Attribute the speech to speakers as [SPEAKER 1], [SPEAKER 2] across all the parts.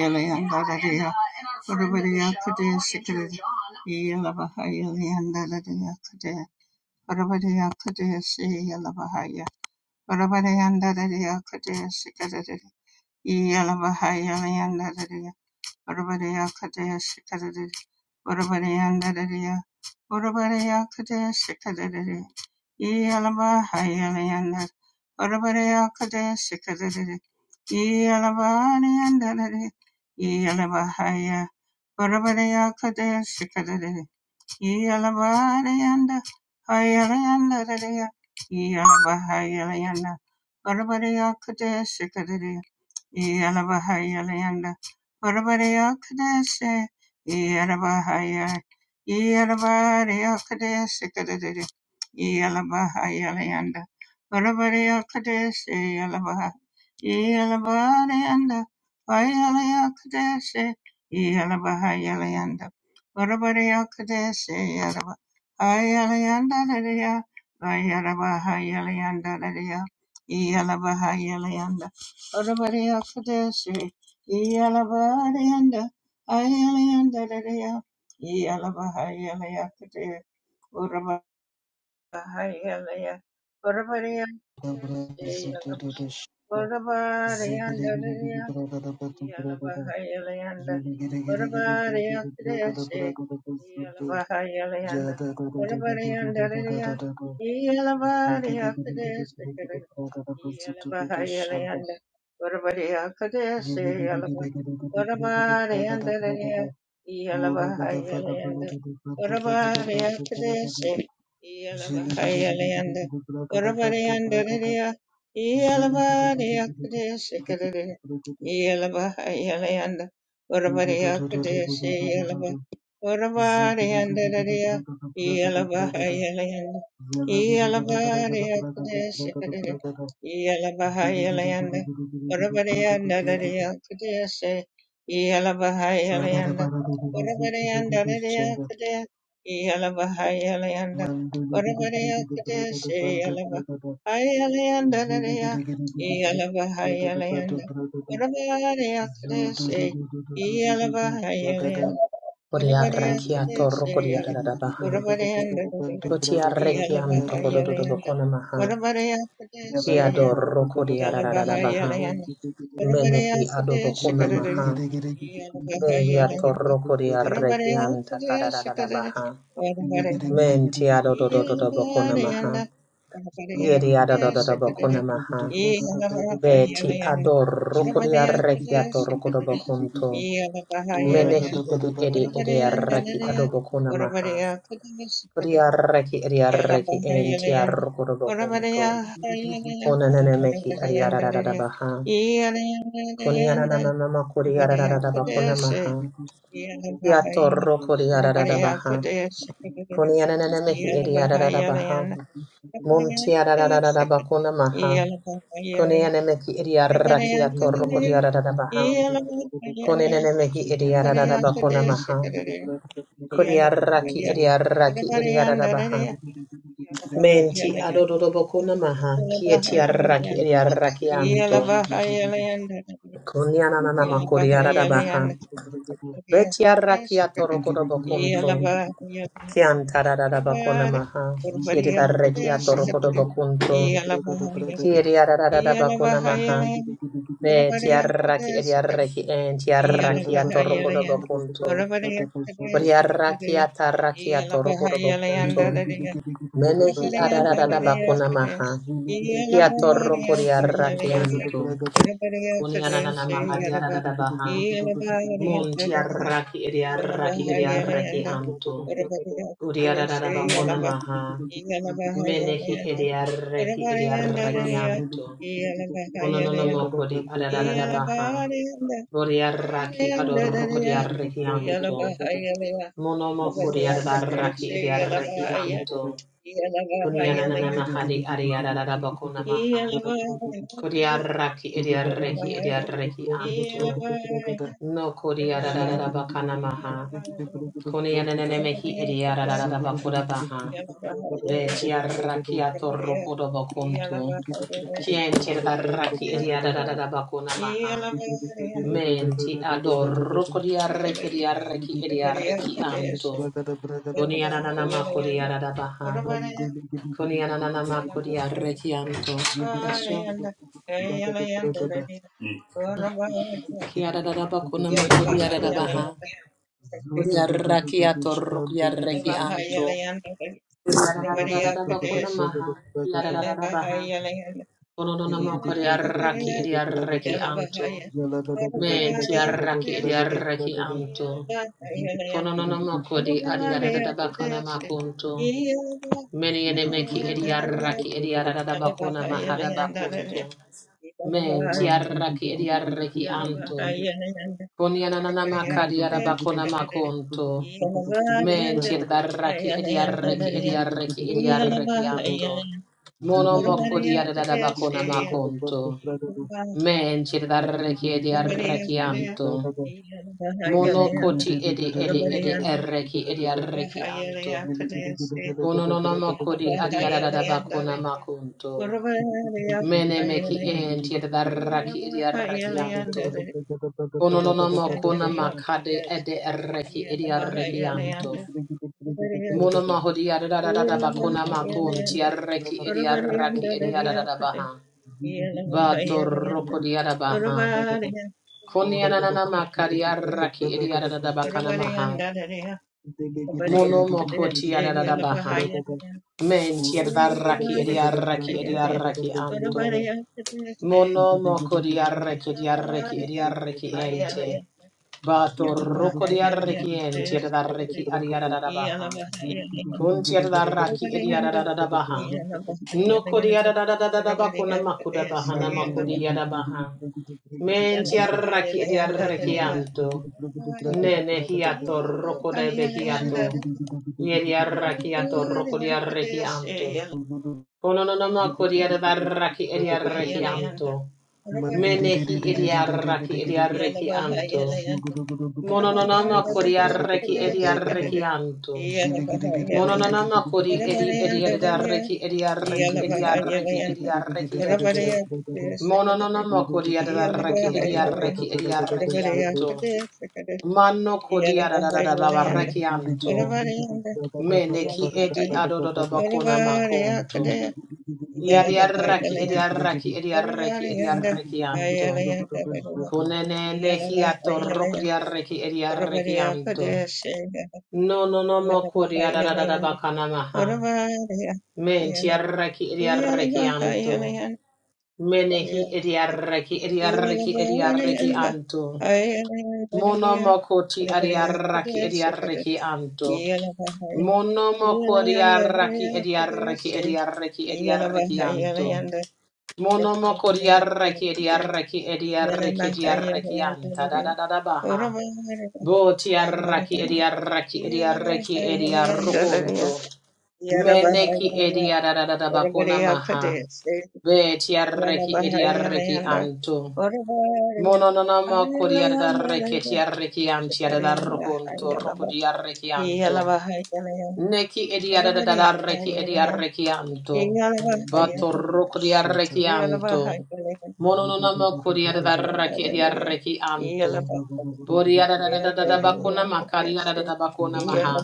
[SPEAKER 1] Yala yala bahaya yanda da da yakade. Orabade yakade se yanda da da yakade se kada da. Yala bahaya yanda da da. Orabade yakade yanda da da. Orabade yakade se kada da da. Yala bahaya yanda. Orabade yakade se kada da da. Yala bahaya yanda da da. Yala bahaya. Yalabarayanda, Hayalayanda, Dadaya, Yalabahayalayanda, Barabadaya Kadeshikadaya, Yalabahayalayanda, Varavareyakadeshe, Yalabahaya, Yalavareyakadeshe, Kadadadi, Yalabahayalayanda, Varavareyakadeshe, Yalabaha, Yalavareyanda, Vayalayakadeshe, Yalabahayalayanda, Varavareyakadeshe, Yalaba, Hayalayanda, Dadaya, Vayalabahayalayanda, Dadaya, Yalabahayalayanda, Orabariakadesi, Yalabarianda, Ayalandaria, Yalabahayalakade, Urabahayalaya,
[SPEAKER 2] Zhele
[SPEAKER 1] Orabariakadesi, Orabariandaria, Yalabahayalayanda, Urabariya Kriyashi, Yalabahayalayanda, Urabariyanda Riya, Yalabariya Kriyashi, Yalabahayalayanda, Urabariya Kriyashi, Yalaba, Urabariyanda Riya, Yalabahayalayanda, Urabariya Kriyashi, Yalabahayalayanda, Urabariyanda Riya, Yalabariya Kriyashi, Yelabaha Yelayanda
[SPEAKER 2] Mandele gede
[SPEAKER 1] Urabadiya Kadeshi
[SPEAKER 2] gede
[SPEAKER 1] Yelaba Urabadiyanda Dadiya Yelabaha Yelayanda Yelabadiya Kadeshi Kadada Yelabaha Yelayanda Urabadiyanda Dadiya Kadeshi Yelabaha Yelayanda Urabadiyanda Dadiya Kadaya Yelabaha Yelayanda Urabadiya Kadeshi Yelaba Yelayanda Dadiya
[SPEAKER 2] gede gede
[SPEAKER 1] Yelabaha Yelayanda Yalabahayalanda,
[SPEAKER 3] Kodiarrakiato rokodiaradabaha.
[SPEAKER 2] gada bada bada bantu braga da bantu
[SPEAKER 3] Butiarrakianto
[SPEAKER 2] braga da
[SPEAKER 3] kodododobokona
[SPEAKER 2] Thank
[SPEAKER 3] Kiado rokodiaradabaha.
[SPEAKER 2] you.
[SPEAKER 3] Menehi adobokona maha. Behiato rokodiarrakianta kadadadabaha. Menti adodododobokona maha.
[SPEAKER 1] yeah,
[SPEAKER 3] Yedi adododobokona maha. Beti ador rokodiarrakiato rokodobokunto. Menehi edi edi edi arraki adobokona maha. Kuriarreki ariarreki enti arrokorobo kunto. Onanana mehi ariarararabaha. Kunianananama kuriarararaba kunamaha. Tiatorro kuriarararabaha.
[SPEAKER 2] Zulu
[SPEAKER 3] Kunianana mehi ariarararabaha. Muntiararararaba kunamaha. Kunianana mehi ariarraki atorro kuriarararabaha. Kunianana mehi ariarararaba kunamaha. Kuriarraki ariarraki ariararabaha. Menti adododobo kunamaha, kieti arraki eri arrakianto, kunyananama kuriaradabaha, beti arrakiato rokodobo kunto,
[SPEAKER 1] yeah. One
[SPEAKER 3] kiantaradadaba
[SPEAKER 1] more,
[SPEAKER 3] kunamaha,
[SPEAKER 1] one more.
[SPEAKER 3] kieti
[SPEAKER 1] Yeah, today is
[SPEAKER 3] arrakiato
[SPEAKER 1] today.
[SPEAKER 3] rokodobo kunto,
[SPEAKER 1] I love Bahia.
[SPEAKER 3] kieti
[SPEAKER 1] Yeah, I
[SPEAKER 3] arradadaba
[SPEAKER 1] love Bahia.
[SPEAKER 3] kunamaha,
[SPEAKER 1] Yeah, one more.
[SPEAKER 3] beti
[SPEAKER 1] Yeah, today
[SPEAKER 3] arraki
[SPEAKER 1] is
[SPEAKER 3] eri arraki
[SPEAKER 1] today.
[SPEAKER 3] enti
[SPEAKER 1] I
[SPEAKER 2] Zulu
[SPEAKER 1] love
[SPEAKER 3] arrakiato
[SPEAKER 1] Bahia. Yeah,
[SPEAKER 3] rokodobo kunto,
[SPEAKER 1] I love Bahia. Yeah, one more. Yeah, today is today. I love Bahia.
[SPEAKER 3] kuriarrakiata
[SPEAKER 1] Yeah, I love
[SPEAKER 3] arrakiato
[SPEAKER 1] Bahia.
[SPEAKER 3] rokodobo
[SPEAKER 1] Yeah, one
[SPEAKER 3] kunto,
[SPEAKER 1] more.
[SPEAKER 3] menehi
[SPEAKER 1] Yeah, today
[SPEAKER 3] arradadaba
[SPEAKER 1] is today.
[SPEAKER 3] kunamaha,
[SPEAKER 1] I love
[SPEAKER 3] Kia
[SPEAKER 1] Bahia.
[SPEAKER 3] torro
[SPEAKER 1] Yeah,
[SPEAKER 3] koria
[SPEAKER 1] I love Bahia. Yeah, one more.
[SPEAKER 3] rakianto.
[SPEAKER 1] Yeah, today is
[SPEAKER 3] Kunianana
[SPEAKER 1] today. I
[SPEAKER 3] maharia
[SPEAKER 1] love Bahia.
[SPEAKER 3] radadabaha.
[SPEAKER 1] Yeah, I love
[SPEAKER 3] Mun
[SPEAKER 1] Bahia. Yeah, one more.
[SPEAKER 3] tia raki eria raki eria raki anto.
[SPEAKER 1] Yeah,
[SPEAKER 3] Uria
[SPEAKER 1] today is
[SPEAKER 3] radadabakona
[SPEAKER 1] today.
[SPEAKER 3] maha. Menehi eria raki eria raki anto. Unonono mokodi adadadabaha. baha. raki adorro koria raki anto. Monomo koria radaraki eria raki anto.
[SPEAKER 2] Zugudu
[SPEAKER 3] Kunianana
[SPEAKER 1] Yeah.
[SPEAKER 3] mahari aria radadabakona maha. Kodiaraki idiareki idiareki anto. No kodiarada bakana maha. Konianenemehi idiarada bakuda baha. Be tiaraki atorokodo bakuntu. Kien tiraraki
[SPEAKER 1] Yellow
[SPEAKER 3] idiarada bakuna maha. Menti adoro kodiareki idiareki idiareki anto. Koniananama kodiarada baha. Koniananama kodiareki anto. Thanks, Joe. Thank you.
[SPEAKER 2] Zugudu gudu gudu gudu gudu gudu
[SPEAKER 3] Kiara Kiarada
[SPEAKER 2] gudu
[SPEAKER 3] bakuna
[SPEAKER 2] gudu gudu
[SPEAKER 3] makuriarada baha. Kuriarakiato rukiareki
[SPEAKER 2] gudu
[SPEAKER 3] anto. Kiara Kuriarada bakuna maha. Kiarada baha. Konono makuriaraki ediareki anto. Men tiaraki ediareki anto. Konono makuri adiarada bakuna makunto. Meni enemeki ediaraki ediarada bakuna mahada bakunto. Men
[SPEAKER 1] Yeah.
[SPEAKER 3] tiaraki ediareki anto. Konianana kadiara bakona makunto.
[SPEAKER 2] gudu gudu
[SPEAKER 3] Men
[SPEAKER 2] gudu
[SPEAKER 3] tiedaraki
[SPEAKER 2] Zulu
[SPEAKER 3] ediareki ediareki ediareki anto. Mono moko diarada bakona makunto. Men tiedareki ediareki
[SPEAKER 1] Yeah.
[SPEAKER 3] anto. Mono koti edi edi edi ereki ediareki anto. Kononono moko di adiarada bakona makunto. Mene meki en tiedaraki ediareki anto. Kononono mo kona makade ede erreki edi arrekianto. Mono mahodi adadadada bakona makon ti arreki edi arraki edi adadada baha.
[SPEAKER 2] Mandele
[SPEAKER 3] Bato roko di adabaha. Koni ananana makari arraki edi adadada bakana
[SPEAKER 1] Yeah.
[SPEAKER 3] maha. Mono moko ti adadada baha. Men ti adarraki edi arraki edi arraki anto. Mono moko diarreki diarreki diarreki ente. Bato roko diarreki ente diarreki adiadadabaha. Kun diadaraki diadadadabaha. Noko diadadadadaba kuna makuda bahana makudi yadabaha. Men diarreki diarreki anto.
[SPEAKER 2] Zugudu
[SPEAKER 3] Nene hiato roko de behiato. Yediarreki ato roko
[SPEAKER 1] Yalabahayalanda,
[SPEAKER 3] diarreki anto. Kono no no moko diadaraki diarreki
[SPEAKER 1] Yalabahayalanda,
[SPEAKER 3] anto. Menehi idiaraki idiareki anto. Monononama kori arreki idiareki anto.
[SPEAKER 1] Yalabahayalanda,
[SPEAKER 3] Monononama kori edi idiareki idiareki idiareki idiareki ente. Monononama kori adaraki idiareki idiareki anto.
[SPEAKER 1] Yalabahayalanda,
[SPEAKER 3] Mano kori
[SPEAKER 2] Shut
[SPEAKER 3] adaraki anto. Meneki edi adododabakona makonto.
[SPEAKER 1] Yeah.
[SPEAKER 3] Yadiaraki idiareki idiareki idiareki anto. Kunenene hiato rokriareki ediarekianto. No no no mo kuriarada bakanamaha. Men tiareki ediarekianto. Menehi ediareki ediareki ediarekianto. Monomokoti adiaraki ediareki anto. Monomokori araki ediareki ediareki ediareki anto. Monomo kodiarreki ediarreki
[SPEAKER 1] Ivana
[SPEAKER 3] ediarreki ediarreki
[SPEAKER 1] Mahaya
[SPEAKER 3] diarreki anta da
[SPEAKER 1] Landalaya,
[SPEAKER 3] da da da baha.
[SPEAKER 1] Uramahara Mahaya
[SPEAKER 3] Botiarraki
[SPEAKER 1] Landalaya,
[SPEAKER 3] ediarreki
[SPEAKER 1] Ivana
[SPEAKER 3] ediarreki
[SPEAKER 1] Mahaya Landalaya,
[SPEAKER 3] ediarrokonto.
[SPEAKER 1] Ivana
[SPEAKER 3] Meneki
[SPEAKER 1] Mahaya
[SPEAKER 3] ediara da da da da bakona
[SPEAKER 1] Uramariya
[SPEAKER 3] maha.
[SPEAKER 1] Kade, Ivana
[SPEAKER 3] Betiarreki
[SPEAKER 1] Mahaya
[SPEAKER 3] ediarreki
[SPEAKER 1] Landa,
[SPEAKER 3] anto.
[SPEAKER 1] Uramahaya,
[SPEAKER 3] Mononomo
[SPEAKER 1] Ayala
[SPEAKER 3] kodiarreki
[SPEAKER 1] Landalaya,
[SPEAKER 3] ediarreki antiara da
[SPEAKER 1] Shakarayanda
[SPEAKER 3] rokonto
[SPEAKER 1] Hayalaba,
[SPEAKER 3] rokodiarreki
[SPEAKER 1] Iyala
[SPEAKER 3] anto.
[SPEAKER 1] Mahaya Landa,
[SPEAKER 3] Neki
[SPEAKER 1] Uramariya
[SPEAKER 3] ediadadadareki
[SPEAKER 1] Mahaya Landa,
[SPEAKER 3] ediarekianto.
[SPEAKER 1] Iyala Mahaya,
[SPEAKER 3] Batoroko
[SPEAKER 1] Iyala
[SPEAKER 3] diarekianto.
[SPEAKER 1] Mahaya
[SPEAKER 3] Monononama kodiadadareki
[SPEAKER 1] Landa,
[SPEAKER 3] ediarekianto.
[SPEAKER 1] Iyala Mahaya Yeah.
[SPEAKER 3] Bodiadadadadabakona makariadadabakona maha.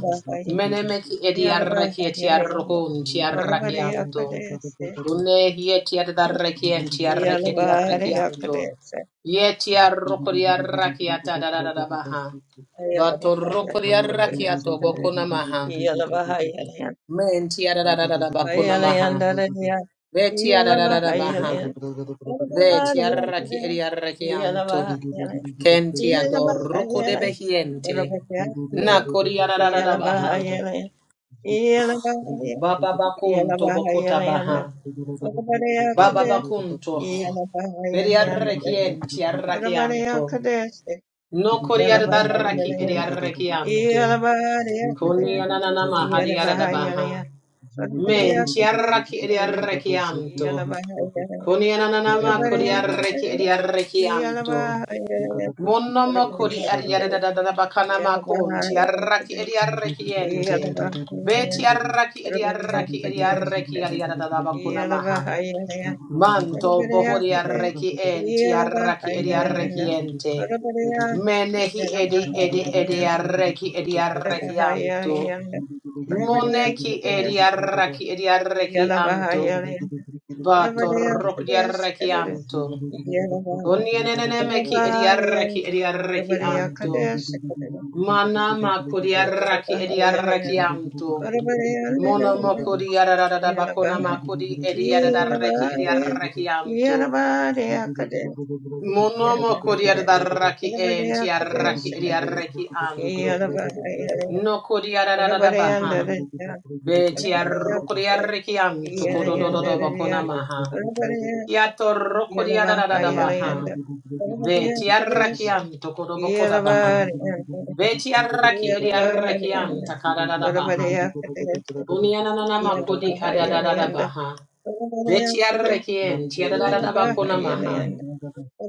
[SPEAKER 3] Menemeki ediareki etiarokon tiarakianto. Unehi etiadadareki entiareki ediarekianto. Yetiaroko diarakiatadadadabaha. Batoroko
[SPEAKER 2] Zulu
[SPEAKER 3] diarakiato bokona maha. Menti arararara bakuna maha. Beti arararara baha. Beti arraki eri arraki anto. Kenti adorruko de behiente. Nakori arararara baha. Baba bakunto bokota baha. Baba bakunto.
[SPEAKER 1] Yeah.
[SPEAKER 3] Beri arraki enti arraki anto. Nokori arraki eri arraki anto. Koni ananana maha di arara baha.
[SPEAKER 2] Zulu
[SPEAKER 3] Menti arraki eri arraki anto. Koni ananama kodi arreki edi arreki anto. Monnomo kodi ariare da da da da bakana ma konti arraki edi arreki ente. Beti arraki edi arraki edi arreki ariare da da bakuna maha. Manto
[SPEAKER 1] Everybody
[SPEAKER 3] bohori
[SPEAKER 1] else there,
[SPEAKER 3] arreki enti
[SPEAKER 1] you love a
[SPEAKER 3] arraki
[SPEAKER 1] high
[SPEAKER 3] edi arreki
[SPEAKER 1] yanda.
[SPEAKER 3] ente.
[SPEAKER 1] Everybody else, you
[SPEAKER 3] Menehi
[SPEAKER 1] love a
[SPEAKER 3] edi
[SPEAKER 1] high
[SPEAKER 3] edi edi
[SPEAKER 1] yanda,
[SPEAKER 3] arreki edi
[SPEAKER 1] You love a
[SPEAKER 3] arreki
[SPEAKER 1] high
[SPEAKER 3] anto.
[SPEAKER 1] yanda. Everybody else
[SPEAKER 3] Moneki edi
[SPEAKER 1] this,
[SPEAKER 3] arraki edi
[SPEAKER 1] you
[SPEAKER 3] arreki
[SPEAKER 1] love a high
[SPEAKER 3] anto.
[SPEAKER 1] yanda.
[SPEAKER 3] Vato
[SPEAKER 1] Arabaya
[SPEAKER 3] rok di arrechianto. Conieneneme chi edi arrechi edi
[SPEAKER 2] Zugu
[SPEAKER 3] arrechianto.
[SPEAKER 1] Kade,
[SPEAKER 3] Mana co di arrechi
[SPEAKER 1] Yelaba
[SPEAKER 3] edi
[SPEAKER 1] Hayalanda,
[SPEAKER 3] arrechianto.
[SPEAKER 1] Arabaya,
[SPEAKER 3] Monomoco di arararada baconama co di edi arrechi edi
[SPEAKER 1] Yelaba Hayalanda, Yelaba Hayalanda, Arabaya
[SPEAKER 3] arrechianto.
[SPEAKER 1] Kade, Yelaba Hayalanda, Arabaya Kade, Sakadada, Yelaba Arabaya, Arabaya Kade, Sakadada, Yelaba Hayalanda, Arabaya, Yelaba, Yelaba, Yelaba
[SPEAKER 3] Monomoco di
[SPEAKER 1] Kade,
[SPEAKER 3] arrechi enti arrechi edi arrechianto. No co di arararada baha. Beti arroco di arrechianto codododo baconamaha. Kia toroko di adadada baha. Ve ti arrakian tokoroboko da baha.
[SPEAKER 1] Yeah.
[SPEAKER 3] Ve ti arraki edi arrakian
[SPEAKER 2] Zugu
[SPEAKER 3] takadadada baha. Unianana makodi adadada baha. Ve ti arrakien ti adadada bakona maha.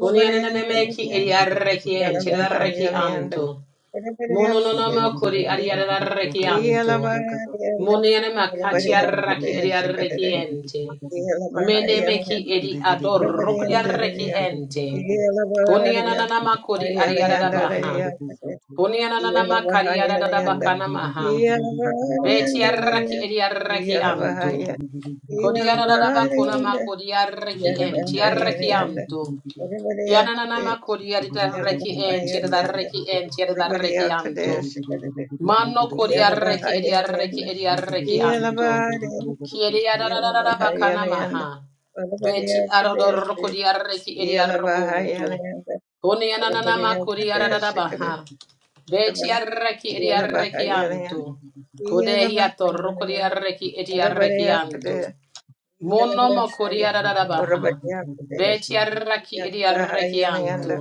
[SPEAKER 3] Unianana meki edi arrakien ti adarraki anto. Mono Mononono makodi adi adarraki
[SPEAKER 1] Yeah.
[SPEAKER 3] anto. Moniana makatiaraki ediareki ente. Menemeki edi adorokriareki ente. Koniana nanama kodi ariadadabaha. Koniana nanama kariadadabakana maha. Betiaraki ediareki anto. Kodiadadabakuna makodiareki ente. Yareki anto. Yananama
[SPEAKER 2] Zugu
[SPEAKER 3] kodiareki ente. Yadareki ente. Yadareki anto. Mano kodiareki ediareki ediareki anto. Kiedi
[SPEAKER 1] yala
[SPEAKER 3] adararara bakana
[SPEAKER 1] Yalabahayalayanda,
[SPEAKER 3] maha.
[SPEAKER 1] yala
[SPEAKER 3] Beti arodoroko di arreki edi arrokonto.
[SPEAKER 1] Yalabahayalayanda,
[SPEAKER 3] Koni ananana makuri adarara
[SPEAKER 1] Varvariyakadesi,
[SPEAKER 3] baha.
[SPEAKER 1] Kadesi,
[SPEAKER 3] Beti arreki edi arreki anto.
[SPEAKER 1] Yalabahayalayanda,
[SPEAKER 3] Kodehi atoroko di
[SPEAKER 1] Yalabahayalayanda,
[SPEAKER 3] arreki edi arreki
[SPEAKER 1] Varvariyakadesi,
[SPEAKER 3] Mono mokuri
[SPEAKER 1] Yalabahayalayanda,
[SPEAKER 3] adarara baha. Beti arreki edi arreki
[SPEAKER 1] yala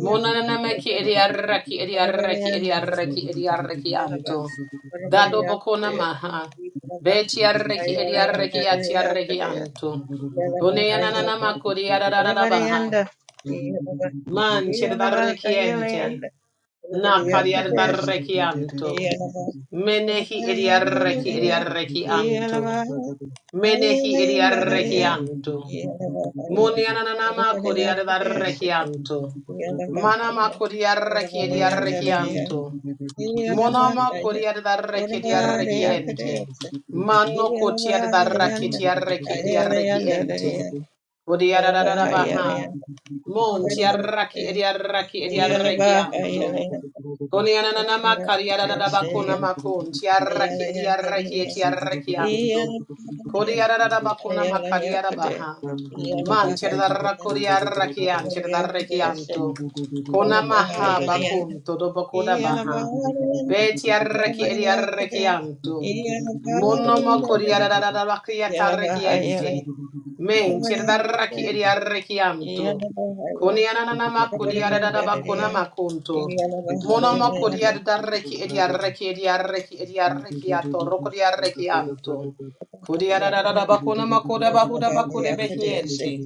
[SPEAKER 3] Monana meki
[SPEAKER 1] Yalabahayalayanda,
[SPEAKER 3] ediarraki ediarraki
[SPEAKER 1] Yalabahayalayanda, Varvariyanda,
[SPEAKER 3] ediarraki ediarraki
[SPEAKER 1] Yalabah-
[SPEAKER 3] anto. Dado bokona maha.
[SPEAKER 1] Varvariyakadesi,
[SPEAKER 3] Betiarraki ediarraki atiarraki anto.
[SPEAKER 1] yala Yalabahayalanda,
[SPEAKER 3] Koneananama kuriararabaha.
[SPEAKER 1] Urabarianda,
[SPEAKER 3] Man
[SPEAKER 1] Yelabaka
[SPEAKER 3] chirdarrekiente.
[SPEAKER 1] Yelayanda, Urabaria Kadesh,
[SPEAKER 3] Nakariardarraki anto.
[SPEAKER 2] Zoom
[SPEAKER 1] Yelabaka
[SPEAKER 3] Menehi
[SPEAKER 1] Urabarianda,
[SPEAKER 3] ediarraki ediarraki anto.
[SPEAKER 1] Yelabaka
[SPEAKER 3] Menehi ediarraki
[SPEAKER 1] Yelayanda,
[SPEAKER 3] anto.
[SPEAKER 1] Yelabaka
[SPEAKER 3] Muniananama
[SPEAKER 1] Urabaria Kadesh,
[SPEAKER 3] kodiarrekianto.
[SPEAKER 1] Yelabaka Urabarianda, Yelabaka
[SPEAKER 3] Manama
[SPEAKER 1] Urabaria Kadesh, Yelabarianda, Yelayanda,
[SPEAKER 3] kodiarrekiarrekianto. Monoma
[SPEAKER 1] Yelabaka Yelayanda, Urabaria
[SPEAKER 3] kodiarrekiarrekiente.
[SPEAKER 1] Kadesh,
[SPEAKER 3] Mano kotiarrekiarrekiarrekiente. Kodiarrabaha. Montiarrekiarrekiarrekianto.
[SPEAKER 1] Yelabaka
[SPEAKER 3] Konianana
[SPEAKER 1] Yeah.
[SPEAKER 3] makariarada bakuna makun tiaraki diaraki tiaraki anto. Kodiarada bakuna makariara baha.
[SPEAKER 2] Thank
[SPEAKER 3] Man tiarada kodiaraki an tiaraki anto. Kona maha bakun todo bakoda baha. Be tiaraki diaraki anto. Mono mo kodiarada bakia taraki ente. Men tiaraki diaraki anto. Konianana makodiarada bakuna makunto. Monoma kodiar darreki ediarreki ediarreki ediarreki ato rokodiarreki anto. Kodiarada bakuna makoda bahuda bakude behiente.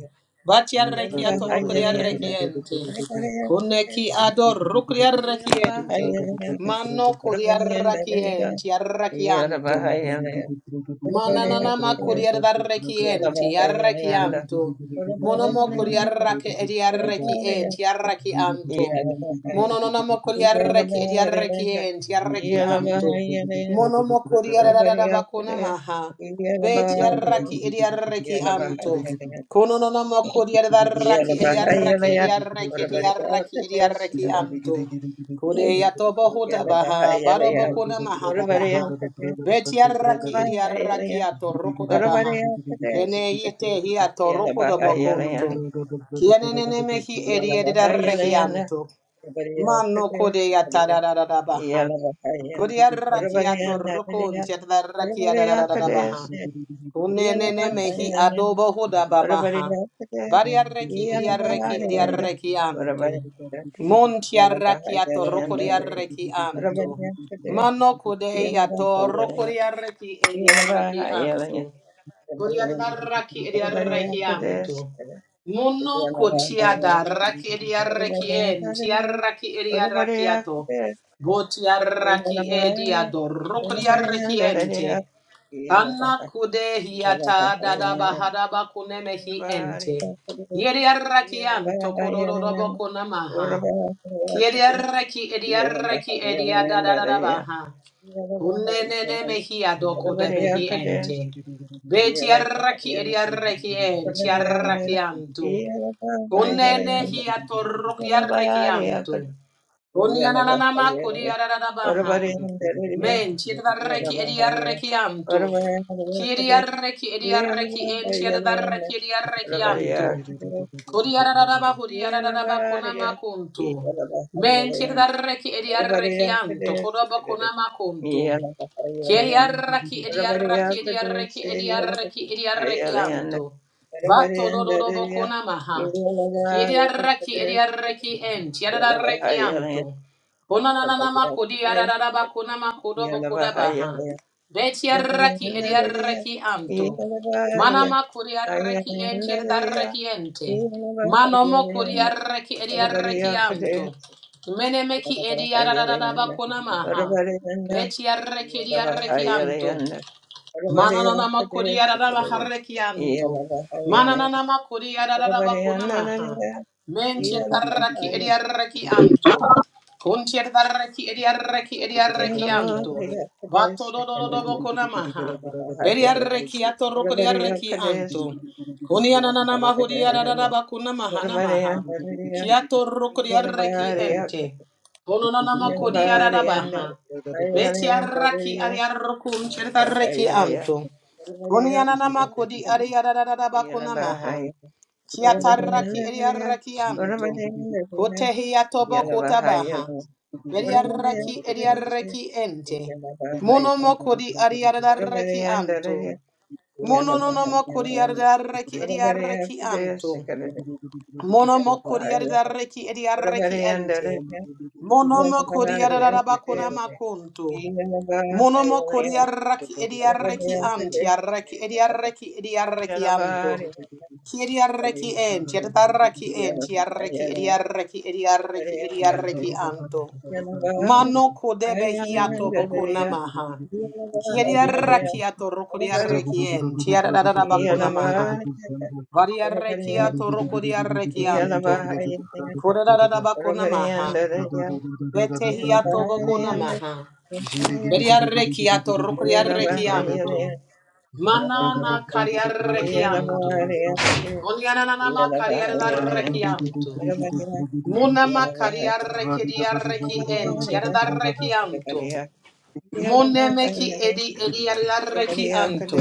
[SPEAKER 1] Yeah, Yellow
[SPEAKER 3] Batiarreki ato rokodiarreki
[SPEAKER 1] Bahayana,
[SPEAKER 3] ente.
[SPEAKER 2] you.
[SPEAKER 3] Kuneki
[SPEAKER 2] Ziggy
[SPEAKER 3] ador rokodiarreki ente. Mano
[SPEAKER 1] what
[SPEAKER 3] kodiarreki ente arreki anto.
[SPEAKER 1] about
[SPEAKER 3] Mananana makuriar darreki enti arreki anto. Monomo kuriarraki ediarreki enti arreki anto. Monononamo kuriarreki ediarreki enti arreki anto.
[SPEAKER 1] the
[SPEAKER 3] Monomo kuriarabakuna maha. Beti arraki ediarreki anto. Konononamo kuriarraki ediarreki ediarreki ediarreki ediarreki anto. Kude tobo
[SPEAKER 1] Yeah,
[SPEAKER 3] huta baha, baro bokuna mahara Betiaraki ediaraki
[SPEAKER 2] Thank
[SPEAKER 3] atoroko da baha. Kene yete hi atoroko da bakuntu. Kiene nene mehi ediaraki antu. Mano kode yatada da da da baha. Kodiaraki atoroko ntiadaraki da da da da baha. Unenene mehi adobo huda babaha. Variarreki idiarreki idiarreki antu. Montiarraki atoroko diarreki antu. Mano kudei atoroko diarreki idiarreki antu.
[SPEAKER 1] Yeah.
[SPEAKER 3] Kuriadarraki idiarreki antu. Muno kotiada raki idiarreki en tiarraki idiarreki ato. Botiarraki ediadoroko diarreki ente. Kana kude hiata dada bahada bakune mehi ente. Yeri arrakian tokororo boko namaha. Kieri arraki edi arraki edi adada dada baha. Kunne nene mehi adoko de behi ente.
[SPEAKER 2] you.
[SPEAKER 3] Beti arraki edi
[SPEAKER 2] Thank
[SPEAKER 3] arraki enti arrakianto. Kunne nehi atorroki
[SPEAKER 1] Yalabaraya
[SPEAKER 3] arrakianto. Onyananama
[SPEAKER 1] Yalabahaya
[SPEAKER 3] kodiaradabaha.
[SPEAKER 1] Varavarendariya
[SPEAKER 3] Men chiadareki
[SPEAKER 1] Yalabahaya
[SPEAKER 3] ediarekianto.
[SPEAKER 1] Varavarendariya
[SPEAKER 3] Chidiareki ediareki en
[SPEAKER 1] Yalabahaya
[SPEAKER 3] chiadareki
[SPEAKER 1] Varavaraya
[SPEAKER 3] ediarekianto.
[SPEAKER 1] Yalabaraya
[SPEAKER 3] Kodiaradaba hodiaradaba
[SPEAKER 1] Yalabahaya Varavaraya
[SPEAKER 3] konama
[SPEAKER 1] Yalabahaya
[SPEAKER 3] kunto. Men chiadareki
[SPEAKER 1] Varavaraya
[SPEAKER 3] ediarekianto.
[SPEAKER 1] Yalabahaya
[SPEAKER 3] Kodoba konama kunto.
[SPEAKER 1] Varavarendariya
[SPEAKER 3] Kiriaraki idiaraki
[SPEAKER 1] Yalabaraya
[SPEAKER 3] idiaraki idiaraki idiaraki anto.
[SPEAKER 1] Yalabahaya
[SPEAKER 3] Vato dododobo konamaha. Kiriaraki idiaraki ent. Yadaraki anto. Onananama
[SPEAKER 1] Varavaraya
[SPEAKER 3] kodiararaba konama
[SPEAKER 1] Yeah.
[SPEAKER 3] kodobo kodabaha. Betiaraki idiaraki anto. Manama kodiaraki ent yadaraki ente. Manomo kodiaraki idiaraki anto. Menemeki idiararaba konamaha. Beti arreki arrekianto. Mananana makuri araraba harrekianto. Mananana makuri araraba kunamaha. Mentir arreki eri arrekianto. Kuntir arreki eri arreki eri arrekianto. Bato dododobo kunamaha. Beri arrekiato rokuri arrekianto. Kuni ananana mahuri araraba
[SPEAKER 1] What
[SPEAKER 3] kunamaha
[SPEAKER 1] about the
[SPEAKER 3] namaha.
[SPEAKER 1] end of
[SPEAKER 3] Kiato rokuri arreki ente. Kononana makuri ararabaha. Beti arraki ari arrukum chiritarreki anto. Kunianana makodi
[SPEAKER 1] it?
[SPEAKER 3] ari arararara bakuna maha. Kiatarraki ari arraki anto. Kotehi
[SPEAKER 2] you.
[SPEAKER 3] atobo kotabaha.
[SPEAKER 2] Thank
[SPEAKER 3] Beri arraki ari arraki ente. Mono mokodi ari arararaki anto. Mono no no mokodi ari arraki ari arraki anto. Mono mokodi ari arraki ari arraki ente. Mono mokodi ari arararaba kuna makunto.
[SPEAKER 1] Yeah,
[SPEAKER 3] Monomo kodiarraki ediarreki anti arraki ediarreki ediarreki anto. Kiediarreki enti atatarraki enti arreki ediarreki ediarreki ediarreki anto. Mano kodebe hiato boko namaha. Kiediarraki ato rokodiarreki enti atatatabako namaha.
[SPEAKER 2] you.
[SPEAKER 3] Variarreki ato
[SPEAKER 2] Ziggy
[SPEAKER 3] rokodiarreki anto. Kodadadabako namaha. Vete hiato boko namaha. Beriarre chiato, rucriarre chianto. Manana cariarre chianto. Onyananama cariarre chianto.
[SPEAKER 1] Yeah.
[SPEAKER 3] Munama cariarre chidiarre chienti, yardarre chianto. Muneme chi edi edi yardarre chianto.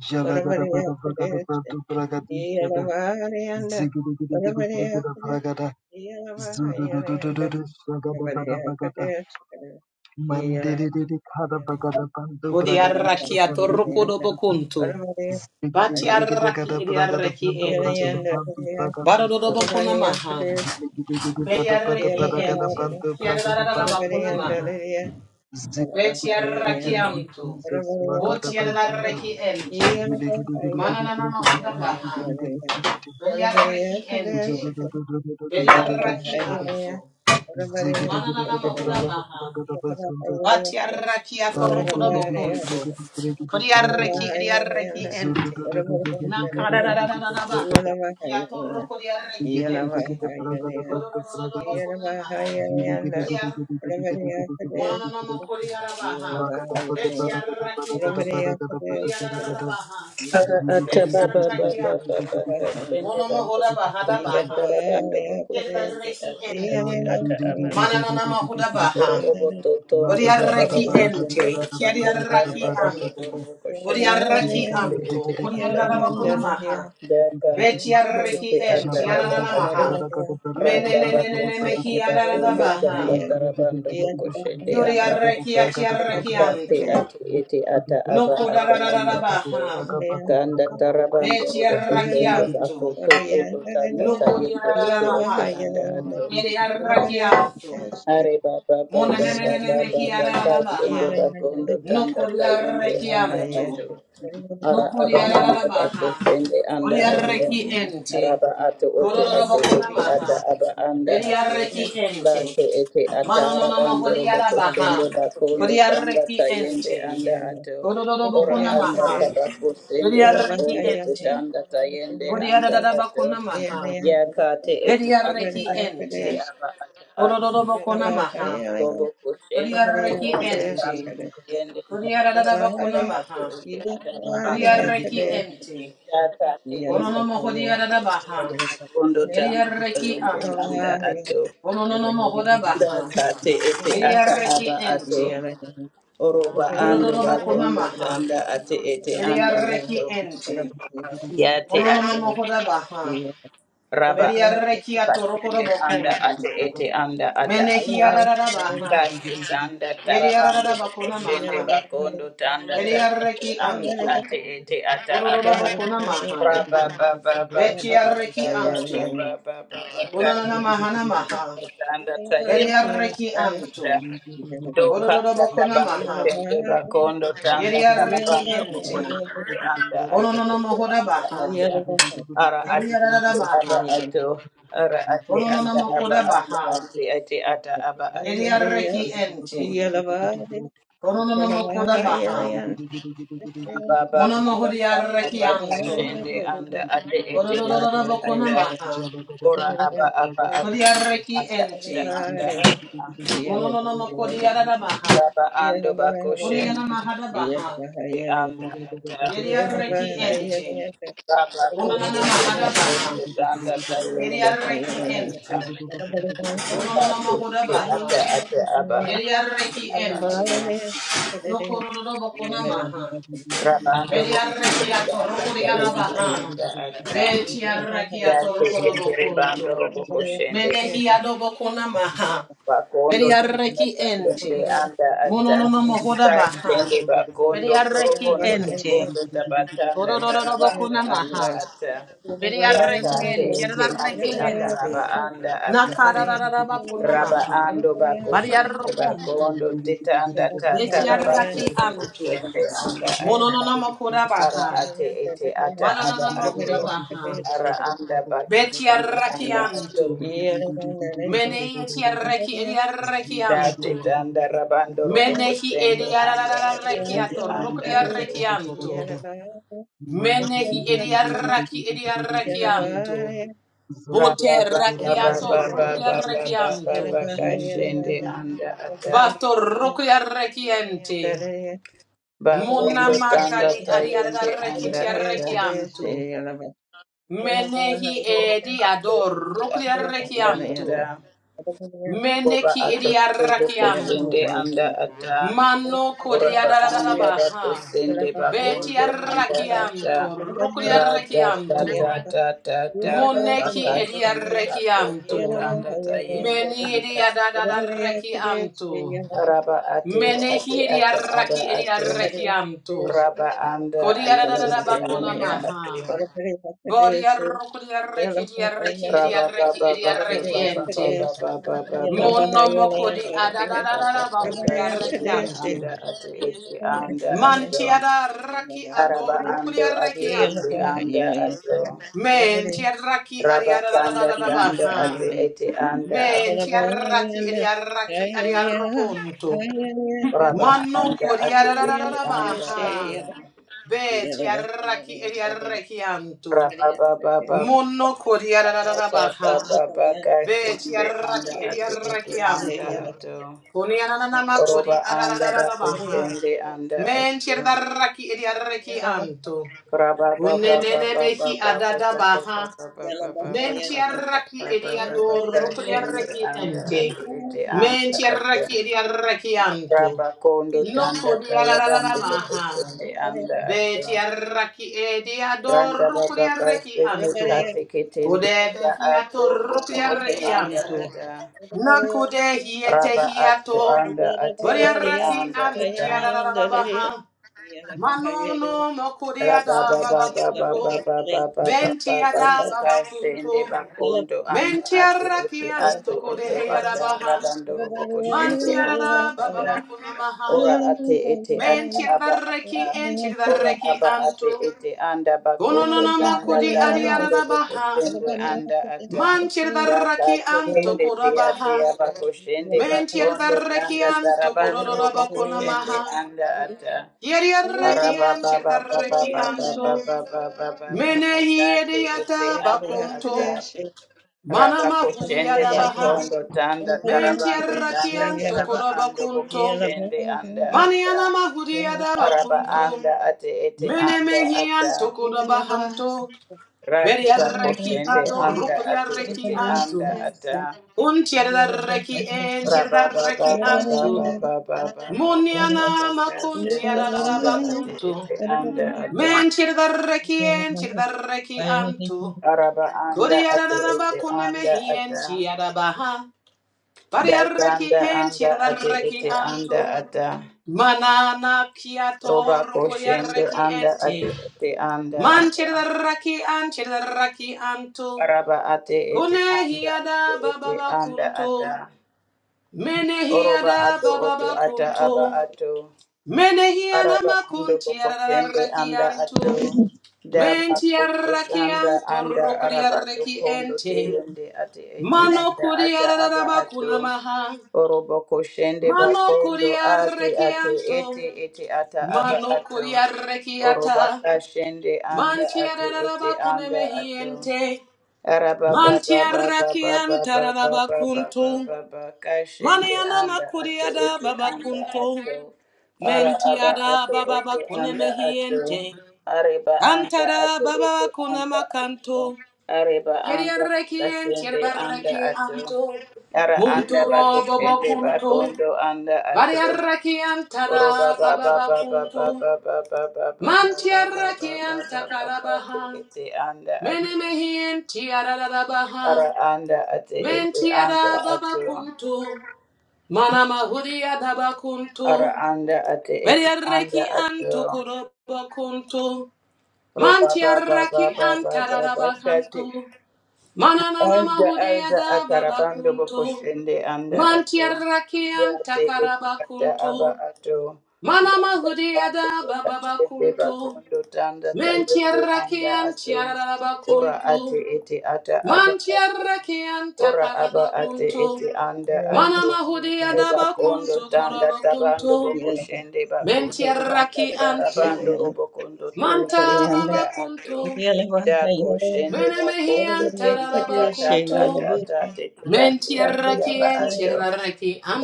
[SPEAKER 2] Jalagada bada bragada bradu bragadi shada. Zigidigidigi brigida bragada. Zudududududu shagada bada bragada. Mandidididi kada bragada bandu bragadi
[SPEAKER 3] Bodiarra
[SPEAKER 2] shata
[SPEAKER 3] chiato,
[SPEAKER 2] digidi
[SPEAKER 3] rucodo
[SPEAKER 2] shata.
[SPEAKER 3] bocunto. Batiarra chi
[SPEAKER 2] Zigidigidigada bragada
[SPEAKER 3] ediarre
[SPEAKER 1] Yeah.
[SPEAKER 2] bandu
[SPEAKER 1] Iyalava Haya
[SPEAKER 2] bragada
[SPEAKER 3] chienti.
[SPEAKER 2] bandu bragadi
[SPEAKER 3] Barodo
[SPEAKER 2] shata.
[SPEAKER 1] Leanda,
[SPEAKER 3] bocunamaha.
[SPEAKER 2] Jaligidigidi bada bada
[SPEAKER 3] Beriarre
[SPEAKER 2] bragada
[SPEAKER 3] chienti.
[SPEAKER 2] bandu bragada
[SPEAKER 3] Yardarra
[SPEAKER 2] bandu brigidi.
[SPEAKER 3] bocunamaha.
[SPEAKER 2] Zigidigi
[SPEAKER 3] Beti
[SPEAKER 2] thank you
[SPEAKER 3] arrakianto.
[SPEAKER 2] Jesus. Magada
[SPEAKER 3] Boti
[SPEAKER 2] bazunda
[SPEAKER 3] arraki ente.
[SPEAKER 2] Zulu
[SPEAKER 3] Mananana na na baha. Beti arraki ente. Beti arraki anto. Mananana na na baha. Bati arraki atorkuda bokunto. Kodi arraki edi arraki ente. Nakada da da da da da baha. Ki atorkuda arraki ente. Kodo da da da
[SPEAKER 1] Iyalava
[SPEAKER 3] bokunam
[SPEAKER 1] Haya
[SPEAKER 3] aha. Mononomo Kuriarabaha. Betiaraki Anko. Kuriarabaha.
[SPEAKER 4] Aka ata baba
[SPEAKER 3] Betiaraki
[SPEAKER 4] baba
[SPEAKER 3] Anko.
[SPEAKER 4] baba kashende
[SPEAKER 3] Monomo
[SPEAKER 4] bako
[SPEAKER 3] Hudabaha
[SPEAKER 4] sanda
[SPEAKER 3] Dabaha.
[SPEAKER 4] tarabando bako shende
[SPEAKER 3] Kedareki
[SPEAKER 4] ate ate
[SPEAKER 3] Ente.
[SPEAKER 2] Zagada
[SPEAKER 4] ata aba
[SPEAKER 3] Mana no
[SPEAKER 4] ate
[SPEAKER 3] no mo hoda
[SPEAKER 4] oro
[SPEAKER 3] baha,
[SPEAKER 4] obo to
[SPEAKER 3] Hudabaha.
[SPEAKER 4] tondo taraba
[SPEAKER 3] Kuriaraki Ente.
[SPEAKER 4] kashende
[SPEAKER 3] kiri
[SPEAKER 4] bakondo tramba
[SPEAKER 3] Kiariaraki
[SPEAKER 4] bando toro
[SPEAKER 3] Anko.
[SPEAKER 4] bako shende anda
[SPEAKER 3] Kuriaraki
[SPEAKER 4] ate
[SPEAKER 3] Anko.
[SPEAKER 4] ete anda ato
[SPEAKER 3] Kuriarabakunamaha.
[SPEAKER 4] Daka ete
[SPEAKER 3] Betiaraki
[SPEAKER 4] ata
[SPEAKER 3] Ente.
[SPEAKER 4] aba ato.
[SPEAKER 3] Yananamaha.
[SPEAKER 4] Rada bako
[SPEAKER 3] Menenenene
[SPEAKER 4] sende bako ndo tanda
[SPEAKER 3] mehiaradabaha.
[SPEAKER 4] tarabando boko shende anda
[SPEAKER 3] Yuriaraki
[SPEAKER 4] ato.
[SPEAKER 3] Atiaraki
[SPEAKER 4] Kati
[SPEAKER 3] Anto.
[SPEAKER 4] ati ete ata aba
[SPEAKER 3] Noko da
[SPEAKER 4] ata
[SPEAKER 3] da da da
[SPEAKER 4] anda
[SPEAKER 3] da
[SPEAKER 4] ato.
[SPEAKER 3] baha.
[SPEAKER 4] Kanda tarabando
[SPEAKER 3] Beti
[SPEAKER 4] boko
[SPEAKER 1] Yeah,
[SPEAKER 4] shende bako
[SPEAKER 3] arrakianto.
[SPEAKER 1] Yeah.
[SPEAKER 4] toko ndo tanda
[SPEAKER 3] Noko di da
[SPEAKER 4] tayende
[SPEAKER 3] da da
[SPEAKER 4] ete ete
[SPEAKER 3] baha.
[SPEAKER 4] anda ato.
[SPEAKER 3] Yeri arrakianto.
[SPEAKER 4] Ari baba
[SPEAKER 3] Mona
[SPEAKER 4] baba
[SPEAKER 3] na na na na
[SPEAKER 4] baba
[SPEAKER 3] na hi da
[SPEAKER 4] baba
[SPEAKER 3] da da
[SPEAKER 4] kasende
[SPEAKER 3] baha.
[SPEAKER 4] bakondo tanda
[SPEAKER 3] Noko di
[SPEAKER 4] tayende anda
[SPEAKER 2] Thank
[SPEAKER 3] arrakianto.
[SPEAKER 4] ato. Ara
[SPEAKER 3] Noko di
[SPEAKER 4] aba
[SPEAKER 3] da da da
[SPEAKER 4] anda bako
[SPEAKER 3] baha.
[SPEAKER 4] sende anda
[SPEAKER 3] Buri
[SPEAKER 4] ato.
[SPEAKER 3] arraki ente.
[SPEAKER 4] Araba ato oto
[SPEAKER 3] Kororo
[SPEAKER 4] ato
[SPEAKER 3] bakona
[SPEAKER 4] ete ata
[SPEAKER 3] maha.
[SPEAKER 4] aba anda
[SPEAKER 3] Beri
[SPEAKER 4] ato.
[SPEAKER 3] arraki ente.
[SPEAKER 4] Sate ete ata
[SPEAKER 3] Mano no no no mo
[SPEAKER 4] arabando
[SPEAKER 3] hori da
[SPEAKER 4] boko sende
[SPEAKER 3] baha. Kori
[SPEAKER 4] bakondo tanda
[SPEAKER 3] arraki
[SPEAKER 4] tayende
[SPEAKER 3] ente.
[SPEAKER 4] anda ato.
[SPEAKER 3] Kororo
[SPEAKER 4] Ora
[SPEAKER 3] bakona
[SPEAKER 4] anda
[SPEAKER 3] maha.
[SPEAKER 4] tabako
[SPEAKER 3] Beri
[SPEAKER 4] sende
[SPEAKER 3] arraki
[SPEAKER 4] bakondo
[SPEAKER 3] ente.
[SPEAKER 4] tutanda tayende
[SPEAKER 3] Bodiara
[SPEAKER 4] anda
[SPEAKER 3] da
[SPEAKER 4] ato.
[SPEAKER 3] Odiadadabakunamaha.
[SPEAKER 4] Yakate ete ata
[SPEAKER 3] Bediareki
[SPEAKER 4] ate ete
[SPEAKER 3] ente.
[SPEAKER 4] aba ato.
[SPEAKER 3] Odododobakunamaha.
[SPEAKER 4] Robo Kushen,
[SPEAKER 1] Yeah.
[SPEAKER 3] Odiareki
[SPEAKER 4] Onda Tanda
[SPEAKER 3] ente.
[SPEAKER 4] Yende, Tata Aba Atu
[SPEAKER 3] Odiadadabakunamaha.
[SPEAKER 4] Uke Adaba Anda
[SPEAKER 3] Odiareki
[SPEAKER 4] Atu,
[SPEAKER 3] ente.
[SPEAKER 4] Tata Te Ende
[SPEAKER 3] Ononomo
[SPEAKER 4] Ende
[SPEAKER 3] hodiadadabaha.
[SPEAKER 4] Makondo Tanda
[SPEAKER 3] Ediareki
[SPEAKER 4] Yende Anda
[SPEAKER 3] antu.
[SPEAKER 4] Atu,
[SPEAKER 3] Ononomo hodabaha.
[SPEAKER 4] Tata Te Ete Ata
[SPEAKER 3] Ediareki
[SPEAKER 4] Aba Atu,
[SPEAKER 3] ente.
[SPEAKER 4] Oroba Ando Bakondo
[SPEAKER 3] Odododobakunamaha.
[SPEAKER 4] Tanda Ate Ete Anda Atu,
[SPEAKER 3] Bediareki ente.
[SPEAKER 4] Yate Ate
[SPEAKER 3] Ononomo hodabaha.
[SPEAKER 4] Raba
[SPEAKER 3] Bediareki
[SPEAKER 4] kasinde anda ate
[SPEAKER 3] atorokodobakuntu.
[SPEAKER 4] ete anda ata aba a.
[SPEAKER 3] Menehiadadabaha.
[SPEAKER 4] Kasi sanda tarabando
[SPEAKER 3] Yediarara bakuna
[SPEAKER 4] koshende
[SPEAKER 3] maha.
[SPEAKER 4] bakondo tanda tarinde
[SPEAKER 3] Bediareki
[SPEAKER 4] anda
[SPEAKER 3] anto.
[SPEAKER 4] ate ete
[SPEAKER 2] you.
[SPEAKER 4] ata aba
[SPEAKER 3] Ororo
[SPEAKER 4] a.
[SPEAKER 3] bakuna maha.
[SPEAKER 4] Raba
[SPEAKER 2] Zulu
[SPEAKER 4] ba ba ba ba ba ba
[SPEAKER 3] Betiareki
[SPEAKER 4] ba ba
[SPEAKER 3] anto.
[SPEAKER 4] ba ba
[SPEAKER 1] Yeah.
[SPEAKER 4] ba ba
[SPEAKER 3] Kunanana mahana maha.
[SPEAKER 4] Uganda
[SPEAKER 3] Bediareki
[SPEAKER 4] tayenda tanda
[SPEAKER 3] anto.
[SPEAKER 4] doka
[SPEAKER 3] Ororo bakuna
[SPEAKER 4] tataba
[SPEAKER 3] maha.
[SPEAKER 4] kutende bakondo tanda
[SPEAKER 3] Yediareki
[SPEAKER 4] tarabando kukundu
[SPEAKER 3] ente.
[SPEAKER 4] kukundu anda ate
[SPEAKER 3] Ononono
[SPEAKER 4] kutu
[SPEAKER 3] mohoda
[SPEAKER 4] anda
[SPEAKER 3] baha.
[SPEAKER 4] ata ara ate
[SPEAKER 3] Kadiarara
[SPEAKER 4] kutu aba
[SPEAKER 3] maha.
[SPEAKER 4] ato ara ate
[SPEAKER 3] Ononono
[SPEAKER 4] ata aba
[SPEAKER 3] mokoda
[SPEAKER 4] ato
[SPEAKER 3] baha.
[SPEAKER 4] ate ate ata aba ato
[SPEAKER 3] Yediareki ente. Ononono mokoda baha.
[SPEAKER 4] raba ba ba ba ba ba
[SPEAKER 3] Monomohodiareki
[SPEAKER 4] ba
[SPEAKER 3] anto.
[SPEAKER 4] kashende anda ate ete
[SPEAKER 3] Ororo
[SPEAKER 4] anda
[SPEAKER 3] bakuna
[SPEAKER 4] ata
[SPEAKER 3] maha.
[SPEAKER 4] ora aba aba ato
[SPEAKER 3] Kodiareki
[SPEAKER 4] anda ata
[SPEAKER 3] ente.
[SPEAKER 4] anda
[SPEAKER 2] Zugu
[SPEAKER 4] ata
[SPEAKER 3] Mononono kodiarabaha.
[SPEAKER 4] raba ando bako
[SPEAKER 3] Kodiana mahadabaha.
[SPEAKER 4] and Ata
[SPEAKER 3] Yediareki ente.
[SPEAKER 4] Baba
[SPEAKER 3] Onanana
[SPEAKER 4] Koshende
[SPEAKER 1] Yeah.
[SPEAKER 4] Atoto
[SPEAKER 3] mahadabaha.
[SPEAKER 4] Danda Tayende
[SPEAKER 3] Yediareki ente.
[SPEAKER 4] Ate
[SPEAKER 3] Ononono
[SPEAKER 4] Ate
[SPEAKER 3] mahodabaha.
[SPEAKER 4] Ate Ate Aba Ate
[SPEAKER 3] Yediareki
[SPEAKER 4] Aba
[SPEAKER 3] ente.
[SPEAKER 4] Ata
[SPEAKER 3] Nokororobo konamaha.
[SPEAKER 4] Rabando
[SPEAKER 3] Bediareki
[SPEAKER 4] Bokondo Danda Tayende
[SPEAKER 3] atorokodiarabaha.
[SPEAKER 4] Anda Ata
[SPEAKER 3] Betiareki
[SPEAKER 4] Date Ete
[SPEAKER 3] atorokorobo punto.
[SPEAKER 4] Rebando Robo
[SPEAKER 3] Menehi adobo konamaha.
[SPEAKER 4] Bakondo tanda
[SPEAKER 3] Bediareki
[SPEAKER 4] tayende
[SPEAKER 3] ente.
[SPEAKER 4] anda
[SPEAKER 3] mono
[SPEAKER 4] ata
[SPEAKER 3] Mononono hoda baha.
[SPEAKER 4] kashende bakondo
[SPEAKER 3] Bediareki
[SPEAKER 4] torobondo
[SPEAKER 3] ente.
[SPEAKER 4] tokondo tabatanda
[SPEAKER 3] Horororo
[SPEAKER 4] tarabanga
[SPEAKER 3] bokuna
[SPEAKER 4] anda
[SPEAKER 3] maha.
[SPEAKER 4] ata yata
[SPEAKER 3] Bediareki
[SPEAKER 2] Zulu
[SPEAKER 4] ate
[SPEAKER 3] ente.
[SPEAKER 4] ete ate
[SPEAKER 3] Yarareki
[SPEAKER 4] ata raba
[SPEAKER 3] ente.
[SPEAKER 4] anda ata
[SPEAKER 3] Nakararara bakuna
[SPEAKER 4] raba
[SPEAKER 3] maha.
[SPEAKER 4] ando bakoshende
[SPEAKER 3] Badiarkuntu.
[SPEAKER 4] bakondo tetanda
[SPEAKER 1] Yeah.
[SPEAKER 4] tatarabando
[SPEAKER 3] Betiaraki antu.
[SPEAKER 4] bokoshende anda ata
[SPEAKER 3] Mononono hoda
[SPEAKER 4] ara
[SPEAKER 3] baha.
[SPEAKER 4] ate ete ata aba
[SPEAKER 3] Mananana
[SPEAKER 4] ato
[SPEAKER 3] hoda baha.
[SPEAKER 4] ara anda bakushende
[SPEAKER 3] Betiaraki
[SPEAKER 4] anda ato
[SPEAKER 3] antu. Mene yetiareki ediareki
[SPEAKER 4] Dati
[SPEAKER 3] antu.
[SPEAKER 4] tanda rabando robo
[SPEAKER 3] Menehi
[SPEAKER 4] kosende anda ate ete
[SPEAKER 3] ediarararakiato
[SPEAKER 4] anda ate.
[SPEAKER 3] rokdiarrakianto. Menehi ediarraki ediarrakianto. Bote
[SPEAKER 4] Raba baba
[SPEAKER 3] rakiato
[SPEAKER 4] baba baba baba
[SPEAKER 3] rokdiarrakianto.
[SPEAKER 4] baba kashende
[SPEAKER 2] Jindididididi.
[SPEAKER 4] anda ata.
[SPEAKER 3] Vato rokdiarrakiente.
[SPEAKER 4] Bakondo tanda
[SPEAKER 3] Munamakadi
[SPEAKER 4] tayende anda ata.
[SPEAKER 3] adiarrakitiarrakianto.
[SPEAKER 1] Yeah.
[SPEAKER 3] Menehi
[SPEAKER 4] Roba ato
[SPEAKER 3] ediador
[SPEAKER 4] ate ate anda
[SPEAKER 3] rokdiarrakianto.
[SPEAKER 4] ata. Oba
[SPEAKER 3] Meneki
[SPEAKER 4] ato obo
[SPEAKER 3] ediarrakianto.
[SPEAKER 4] koshende anda ata.
[SPEAKER 3] Mano kodia
[SPEAKER 4] Oraba
[SPEAKER 3] da da da da
[SPEAKER 4] anda bako
[SPEAKER 3] baha.
[SPEAKER 4] sende
[SPEAKER 3] Beti
[SPEAKER 4] bakondo anda ata.
[SPEAKER 3] arrachianto, rocoli
[SPEAKER 4] Rada ta
[SPEAKER 3] arrachianto,
[SPEAKER 4] ta ta ta ta baba
[SPEAKER 3] moneki edi
[SPEAKER 4] kashende bakondo
[SPEAKER 3] arrachianto,
[SPEAKER 4] tanda tayende
[SPEAKER 3] meni edi
[SPEAKER 4] anda.
[SPEAKER 3] adadad arrachianto,
[SPEAKER 4] Raba ate
[SPEAKER 3] menehi
[SPEAKER 4] ate
[SPEAKER 3] edi
[SPEAKER 4] ata ada
[SPEAKER 3] arrachi edi
[SPEAKER 4] ato.
[SPEAKER 3] arrachianto,
[SPEAKER 4] Raba anda
[SPEAKER 3] codi
[SPEAKER 4] ate ete
[SPEAKER 3] adadadabacuna
[SPEAKER 4] anda
[SPEAKER 3] maha,
[SPEAKER 4] ato.
[SPEAKER 3] bodi arrocoli arrechi edi arrechi edi arrechi edi arrechiente, monomocodi adadadadabahu di
[SPEAKER 1] Rabaya
[SPEAKER 4] Shende
[SPEAKER 1] Kadesi,
[SPEAKER 3] arrachianto.
[SPEAKER 1] Yelabaha Yelaya,
[SPEAKER 3] Mantiada raki
[SPEAKER 1] Yelabaha
[SPEAKER 4] araba
[SPEAKER 3] ador
[SPEAKER 1] Yelaya,
[SPEAKER 4] ando
[SPEAKER 3] rukuria
[SPEAKER 4] ati eti
[SPEAKER 1] Yelabaha
[SPEAKER 3] rekianto.
[SPEAKER 4] anda
[SPEAKER 1] Yelaya,
[SPEAKER 4] ato
[SPEAKER 3] Men
[SPEAKER 1] Rabari
[SPEAKER 3] tiada raki
[SPEAKER 4] raba
[SPEAKER 3] adiada da da da
[SPEAKER 4] kanda
[SPEAKER 3] da da
[SPEAKER 4] kanda
[SPEAKER 1] Yelabaha
[SPEAKER 4] ati
[SPEAKER 3] baha.
[SPEAKER 4] eti anda
[SPEAKER 3] Men
[SPEAKER 4] ato
[SPEAKER 3] tiada raki
[SPEAKER 1] Yelabahanda,
[SPEAKER 3] adiada
[SPEAKER 1] Haya,
[SPEAKER 3] raki aria
[SPEAKER 1] Haya
[SPEAKER 3] roconto.
[SPEAKER 1] Yelanda,
[SPEAKER 4] raba
[SPEAKER 3] Mano
[SPEAKER 4] anda
[SPEAKER 3] kuria
[SPEAKER 4] ati
[SPEAKER 3] da da da
[SPEAKER 1] Rabaya
[SPEAKER 4] eti
[SPEAKER 3] da da
[SPEAKER 4] anda
[SPEAKER 1] Kadesi,
[SPEAKER 4] ato
[SPEAKER 3] baha.
[SPEAKER 1] Yelabaha
[SPEAKER 3] Be tiada
[SPEAKER 1] Yelabaha
[SPEAKER 3] raki adiada
[SPEAKER 1] Yelaya,
[SPEAKER 3] rekianto.
[SPEAKER 4] raba ba ba ba ba ba ba
[SPEAKER 3] Mono kuria da da da da
[SPEAKER 4] ba
[SPEAKER 1] Rabari
[SPEAKER 4] ba
[SPEAKER 3] baha.
[SPEAKER 1] Kadesi, Yelabaha
[SPEAKER 4] ba
[SPEAKER 1] Yelabaha
[SPEAKER 4] ba ka
[SPEAKER 1] Yelanda,
[SPEAKER 3] Be tiada
[SPEAKER 1] Haya
[SPEAKER 4] anda
[SPEAKER 3] raki
[SPEAKER 1] Yelaya,
[SPEAKER 4] ati
[SPEAKER 3] adiada
[SPEAKER 1] Yelabaha
[SPEAKER 4] eti anda
[SPEAKER 3] rekianto.
[SPEAKER 4] ato
[SPEAKER 3] Koniana na nama
[SPEAKER 4] Oroba
[SPEAKER 3] kuri adada
[SPEAKER 4] anda
[SPEAKER 3] da da da da baha.
[SPEAKER 4] bakusende anda
[SPEAKER 3] Men
[SPEAKER 4] asu.
[SPEAKER 3] tiada raki adiada rekianto.
[SPEAKER 4] Kraba ba ba ba ba ba ba
[SPEAKER 3] Unenenemehi
[SPEAKER 4] ba ba ba
[SPEAKER 3] adadabaha.
[SPEAKER 4] ba ba ba
[SPEAKER 1] Yelaya,
[SPEAKER 4] ba ba ba ba
[SPEAKER 3] Mentiarraki ediador
[SPEAKER 4] Kashende
[SPEAKER 3] rukuriarraki
[SPEAKER 4] anda
[SPEAKER 3] ente.
[SPEAKER 4] atu ete anda atu.
[SPEAKER 3] Mentiarraki ediarraki anto.
[SPEAKER 4] Kraba kondo tanda taya bandu
[SPEAKER 3] Nukuriarararabaha.
[SPEAKER 4] bakusende anda atu.
[SPEAKER 3] Betiarraki
[SPEAKER 1] Yelabaha
[SPEAKER 3] ediador
[SPEAKER 4] Randa
[SPEAKER 1] Yelanda,
[SPEAKER 4] baba
[SPEAKER 3] rukuriarraki
[SPEAKER 4] kashete
[SPEAKER 3] anto.
[SPEAKER 1] Everybody
[SPEAKER 4] kate ketende
[SPEAKER 1] up
[SPEAKER 4] ya atu
[SPEAKER 3] Kudebehiato
[SPEAKER 4] oto
[SPEAKER 1] to
[SPEAKER 4] oto
[SPEAKER 3] rukuriarraki
[SPEAKER 4] anda
[SPEAKER 1] Hyalanda.
[SPEAKER 3] anto.
[SPEAKER 4] ata.
[SPEAKER 1] Everybody up
[SPEAKER 4] Raba atu
[SPEAKER 3] Nakudehiatehiato.
[SPEAKER 1] to
[SPEAKER 4] anda ate ete
[SPEAKER 1] Yelavaria.
[SPEAKER 3] Boriarraki
[SPEAKER 4] anda ata.
[SPEAKER 1] Hyalanda.
[SPEAKER 3] antiarararabaha.
[SPEAKER 1] Yelava Hyalanda.
[SPEAKER 3] Manono mokuriada
[SPEAKER 1] Yelava
[SPEAKER 3] babakunto.
[SPEAKER 1] Hyalanda. Everybody
[SPEAKER 3] Ventiada
[SPEAKER 1] up to
[SPEAKER 4] Rababababababababababababababashende
[SPEAKER 3] babakunto.
[SPEAKER 1] Yelava
[SPEAKER 4] bakondo anda
[SPEAKER 3] menti
[SPEAKER 4] ato ote
[SPEAKER 1] Hyalanda. Everybody up
[SPEAKER 4] ato
[SPEAKER 1] to
[SPEAKER 3] kianto
[SPEAKER 1] Yelava
[SPEAKER 4] oto
[SPEAKER 3] kodeheyada
[SPEAKER 1] Hyalanda.
[SPEAKER 4] ata
[SPEAKER 3] baha.
[SPEAKER 4] rabandoro
[SPEAKER 1] Everybody
[SPEAKER 4] boko
[SPEAKER 1] up
[SPEAKER 4] shende
[SPEAKER 1] to
[SPEAKER 3] Mantiada
[SPEAKER 4] anda
[SPEAKER 1] Yelava
[SPEAKER 4] ata
[SPEAKER 1] Hyalanda.
[SPEAKER 3] bababakuna maha.
[SPEAKER 4] ora
[SPEAKER 1] Everybody
[SPEAKER 4] ate ete
[SPEAKER 1] up
[SPEAKER 4] ata
[SPEAKER 3] menti
[SPEAKER 4] aba ata
[SPEAKER 3] reki
[SPEAKER 1] to Yelava
[SPEAKER 3] entiada
[SPEAKER 4] ora
[SPEAKER 1] Hyalanda.
[SPEAKER 3] reki
[SPEAKER 4] aba ate
[SPEAKER 3] anto.
[SPEAKER 4] ete anda bakondo
[SPEAKER 3] Kononana
[SPEAKER 1] Yelava
[SPEAKER 4] tanda
[SPEAKER 3] makodi adi
[SPEAKER 1] Hyalanda.
[SPEAKER 4] tararando boko
[SPEAKER 3] baha.
[SPEAKER 4] shende anda ata
[SPEAKER 3] manti
[SPEAKER 4] daka
[SPEAKER 3] raki anto
[SPEAKER 4] tekende te ate
[SPEAKER 3] kodabaha.
[SPEAKER 4] aba koshende
[SPEAKER 3] menti
[SPEAKER 4] bakondo
[SPEAKER 3] reki
[SPEAKER 4] tanda
[SPEAKER 3] anto
[SPEAKER 4] tarabando boko
[SPEAKER 3] kododabakuna
[SPEAKER 4] shende
[SPEAKER 3] maha.
[SPEAKER 4] anda ata
[SPEAKER 3] Yeria reki antiada
[SPEAKER 1] Yeah.
[SPEAKER 3] reki anto. Menehiediata bakunto. Mana
[SPEAKER 4] Rabakoshende
[SPEAKER 3] mahudiada baha.
[SPEAKER 4] bakondo tanda tarabando
[SPEAKER 3] Mentiarra
[SPEAKER 4] tanda
[SPEAKER 3] kianto
[SPEAKER 4] taraba
[SPEAKER 3] kodoba
[SPEAKER 4] ando
[SPEAKER 3] kunto.
[SPEAKER 4] bokoshende anda
[SPEAKER 3] Maniana
[SPEAKER 4] ata
[SPEAKER 3] mahudi adaba
[SPEAKER 4] araba
[SPEAKER 3] kunto.
[SPEAKER 4] anda ate ete anda
[SPEAKER 3] Menemehianto
[SPEAKER 4] ata
[SPEAKER 3] kodoba hanto.
[SPEAKER 4] rate
[SPEAKER 3] Beriarreki
[SPEAKER 4] bakoshende
[SPEAKER 3] ado
[SPEAKER 4] anda ate
[SPEAKER 3] rukriarreki
[SPEAKER 4] ete
[SPEAKER 3] anto.
[SPEAKER 4] anda ata
[SPEAKER 3] Untiarreki
[SPEAKER 4] rababa
[SPEAKER 3] entiarreki
[SPEAKER 4] baba
[SPEAKER 3] anto.
[SPEAKER 4] baba baba baba baba
[SPEAKER 3] Muniana
[SPEAKER 4] baba
[SPEAKER 3] makuntiara
[SPEAKER 4] anda
[SPEAKER 3] daba
[SPEAKER 4] ate
[SPEAKER 3] kunto.
[SPEAKER 4] ete anda ata
[SPEAKER 3] Mentiarreki entiarreki anto.
[SPEAKER 4] araba anda
[SPEAKER 3] Kuriara
[SPEAKER 4] ate
[SPEAKER 3] daba
[SPEAKER 4] ete anda ata
[SPEAKER 3] kunemehientiara baha.
[SPEAKER 4] data
[SPEAKER 3] Variarreki
[SPEAKER 4] anda anda ate
[SPEAKER 3] entiarreki
[SPEAKER 4] ete anda
[SPEAKER 3] anto.
[SPEAKER 4] ata
[SPEAKER 3] Manana
[SPEAKER 4] roba
[SPEAKER 3] kiato rukuria
[SPEAKER 4] koshende
[SPEAKER 3] reki
[SPEAKER 4] anda ate
[SPEAKER 3] ente.
[SPEAKER 4] ete anda ata
[SPEAKER 3] Manchirda raki anchirda raki anto.
[SPEAKER 4] araba ate ete
[SPEAKER 3] Kune
[SPEAKER 4] anda ate
[SPEAKER 3] hiada
[SPEAKER 4] ete
[SPEAKER 3] bababa
[SPEAKER 4] anda ata
[SPEAKER 3] kunto. Mene
[SPEAKER 4] oroba
[SPEAKER 3] hiada
[SPEAKER 4] ato oto
[SPEAKER 3] bababa
[SPEAKER 4] ata aba
[SPEAKER 3] kunto.
[SPEAKER 4] ato
[SPEAKER 3] Mene hiana
[SPEAKER 4] Araba ando
[SPEAKER 3] makunti
[SPEAKER 4] boko sende
[SPEAKER 3] raki
[SPEAKER 4] anda
[SPEAKER 3] anto.
[SPEAKER 4] ato daba
[SPEAKER 3] Menti
[SPEAKER 4] kofi
[SPEAKER 3] raki
[SPEAKER 4] anda
[SPEAKER 3] anto
[SPEAKER 4] anda
[SPEAKER 3] rukuria
[SPEAKER 4] araba to
[SPEAKER 3] reki
[SPEAKER 4] kondo te
[SPEAKER 3] ente.
[SPEAKER 4] yende ate ete
[SPEAKER 3] Mano
[SPEAKER 4] anda
[SPEAKER 3] kuria
[SPEAKER 4] ata aba ato
[SPEAKER 3] rabakuna maha.
[SPEAKER 4] orobo koshende
[SPEAKER 3] Mano
[SPEAKER 4] bakondo
[SPEAKER 3] kuria
[SPEAKER 4] ate
[SPEAKER 3] reki
[SPEAKER 4] ato
[SPEAKER 3] anto.
[SPEAKER 4] ete ete ata aba
[SPEAKER 3] Mano
[SPEAKER 4] ato
[SPEAKER 3] kuria
[SPEAKER 4] oroba
[SPEAKER 3] rekiata.
[SPEAKER 4] kashende anda ato ete anda ato
[SPEAKER 3] Mantiararabakunemehiente.
[SPEAKER 4] Ara baba baba baba baba baba baba baba baba
[SPEAKER 3] Mantiarrakiantarabakuntu.
[SPEAKER 4] baba baba kasih
[SPEAKER 3] Maniana
[SPEAKER 4] anda atau
[SPEAKER 3] makuriada
[SPEAKER 4] itu anda
[SPEAKER 3] babakuntu.
[SPEAKER 4] atau ara apa
[SPEAKER 3] Mentiada
[SPEAKER 4] atau itu anda atau
[SPEAKER 3] bababakunemehiente.
[SPEAKER 4] ara apa anda
[SPEAKER 3] Antara
[SPEAKER 4] atau itu anda atau
[SPEAKER 3] bababakunamakanto.
[SPEAKER 4] ara apa anda kasih anda atau
[SPEAKER 3] Yeriarrakiantierbarrakianto.
[SPEAKER 4] ara anda
[SPEAKER 3] Munturo
[SPEAKER 4] bagus ini bagus
[SPEAKER 3] babakunto.
[SPEAKER 4] untuk anda
[SPEAKER 3] Variarrakiantara bababakunto. karabaha.
[SPEAKER 4] atau
[SPEAKER 3] Menemehien tiararabaha.
[SPEAKER 4] ara anda ate ete anda ato
[SPEAKER 3] Mentiarababakunto. Manamahuriadabakunto.
[SPEAKER 4] ara anda ate ete anda
[SPEAKER 3] Veriareki
[SPEAKER 4] ato
[SPEAKER 3] antokurobakunto.
[SPEAKER 4] roba ba ba ba
[SPEAKER 3] Mantiaraki
[SPEAKER 4] ba ba ba ba kati
[SPEAKER 3] antararabakanto.
[SPEAKER 4] Aza aza akarabando
[SPEAKER 3] Manananamahudeadababakunto.
[SPEAKER 4] bokoshende anda ato.
[SPEAKER 3] Mantiaraki
[SPEAKER 4] Yate eti ata
[SPEAKER 3] antakarabakunto.
[SPEAKER 4] aba ato. Yanda tanda bakashende
[SPEAKER 3] Manamahudeadababakunto.
[SPEAKER 4] bakondo tanda tayende
[SPEAKER 3] Mentiaraki
[SPEAKER 4] anda ato. Ora
[SPEAKER 3] antiararabakunto.
[SPEAKER 4] ate eti ata aba ato.
[SPEAKER 3] Mantiarra kianta
[SPEAKER 4] Ora aba ate
[SPEAKER 3] karabakunto.
[SPEAKER 4] eti anda
[SPEAKER 3] Mana
[SPEAKER 4] ato.
[SPEAKER 3] mahudi
[SPEAKER 4] Bebakondo
[SPEAKER 3] adabakunto
[SPEAKER 4] tanda tabando
[SPEAKER 3] korabakunto.
[SPEAKER 4] bokoshende bakondo
[SPEAKER 3] Mentiarra
[SPEAKER 4] tanda
[SPEAKER 3] kianto.
[SPEAKER 4] tarabando robokondo teyende
[SPEAKER 3] Manta
[SPEAKER 4] anda ato.
[SPEAKER 3] babakunto.
[SPEAKER 1] Yeah.
[SPEAKER 4] Dako shende
[SPEAKER 3] Mene
[SPEAKER 4] bakondo
[SPEAKER 3] mehianta
[SPEAKER 4] tenda ta ta ta
[SPEAKER 3] rabakunto.
[SPEAKER 4] ta ta te tia tia
[SPEAKER 3] Mentiarra
[SPEAKER 4] tia ba ato
[SPEAKER 3] kiantiarra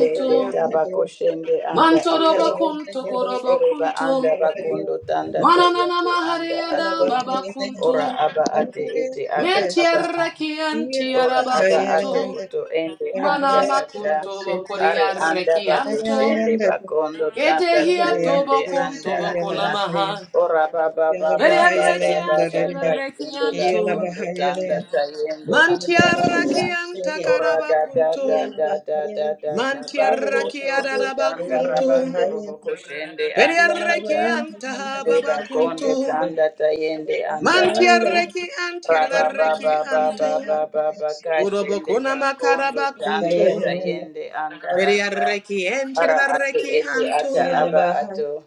[SPEAKER 4] dende tabako shende anda
[SPEAKER 3] Manto
[SPEAKER 4] ato
[SPEAKER 3] robakunto
[SPEAKER 4] oreba
[SPEAKER 3] korabakunto.
[SPEAKER 4] anda bakondo tanda
[SPEAKER 3] Mana nana
[SPEAKER 4] tayende
[SPEAKER 3] mahari
[SPEAKER 4] anda ato
[SPEAKER 3] adabakunto.
[SPEAKER 4] ora aba ate ete ata aba
[SPEAKER 3] Mentiarra
[SPEAKER 4] ora
[SPEAKER 3] kiantiarra
[SPEAKER 4] aba ato
[SPEAKER 3] bakunto.
[SPEAKER 4] uto ende anda
[SPEAKER 3] Manama
[SPEAKER 4] ata
[SPEAKER 3] kun tobo
[SPEAKER 4] are
[SPEAKER 3] kodia
[SPEAKER 4] anda bako
[SPEAKER 3] rekianto.
[SPEAKER 4] shende bakondo
[SPEAKER 3] Ete
[SPEAKER 4] tanda
[SPEAKER 3] hia
[SPEAKER 4] tayende
[SPEAKER 3] tobo kun
[SPEAKER 4] anda
[SPEAKER 3] tobo
[SPEAKER 4] ata
[SPEAKER 3] konamaha.
[SPEAKER 4] ora baba baba
[SPEAKER 3] Veria
[SPEAKER 4] baba
[SPEAKER 3] rekian
[SPEAKER 4] baba
[SPEAKER 3] chirda
[SPEAKER 4] tashende
[SPEAKER 3] rekianto.
[SPEAKER 4] bakondo tanda tayende anda
[SPEAKER 3] Mantia
[SPEAKER 4] ata
[SPEAKER 3] rakian
[SPEAKER 4] ora
[SPEAKER 3] takaraba
[SPEAKER 4] da da
[SPEAKER 3] kunto.
[SPEAKER 4] da da da da da da
[SPEAKER 3] Mantia
[SPEAKER 1] Hello,
[SPEAKER 4] bako
[SPEAKER 1] everyone.
[SPEAKER 4] tondo
[SPEAKER 3] rakiadaba
[SPEAKER 4] tanda
[SPEAKER 3] kunto.
[SPEAKER 4] rabando roboko shende
[SPEAKER 3] Veria
[SPEAKER 4] anda ata
[SPEAKER 3] rekian tahababa
[SPEAKER 4] Reba
[SPEAKER 3] kunto.
[SPEAKER 4] kondo tanda tayende anda
[SPEAKER 3] Manti
[SPEAKER 4] ata.
[SPEAKER 3] rekian chirda
[SPEAKER 4] Raba baba
[SPEAKER 3] rekianto.
[SPEAKER 4] baba baba baka
[SPEAKER 3] Urobo konama
[SPEAKER 4] bakondo
[SPEAKER 3] karaba
[SPEAKER 4] tanda
[SPEAKER 3] kunto.
[SPEAKER 4] tayende anda
[SPEAKER 3] Veria
[SPEAKER 4] ata.
[SPEAKER 3] rekien
[SPEAKER 4] Ara
[SPEAKER 3] chirda
[SPEAKER 4] ate ete ata
[SPEAKER 3] rekianto.
[SPEAKER 4] aba ato.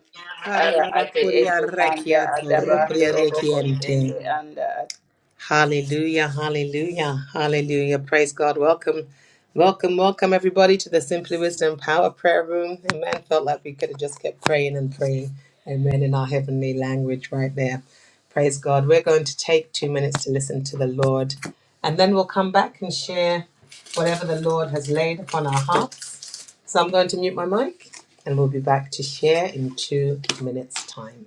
[SPEAKER 4] Ara ate
[SPEAKER 3] Kararabakuria
[SPEAKER 4] ete anda
[SPEAKER 3] rekia
[SPEAKER 4] ata bando
[SPEAKER 3] torukuria
[SPEAKER 4] roboko
[SPEAKER 3] rekiente.
[SPEAKER 4] shende anda ata.
[SPEAKER 3] Hallelujah, hallelujah, hallelujah. Praise God. Welcome, welcome, welcome everybody to the Simply Wisdom Power Prayer Room. Amen. Felt like we could have just kept praying and praying. Amen. In our heavenly language right there. Praise God. We're going to take two minutes to listen to the Lord and then we'll come back and share whatever the Lord has laid upon our hearts. So I'm going to mute my mic and we'll be back to share in two minutes' time.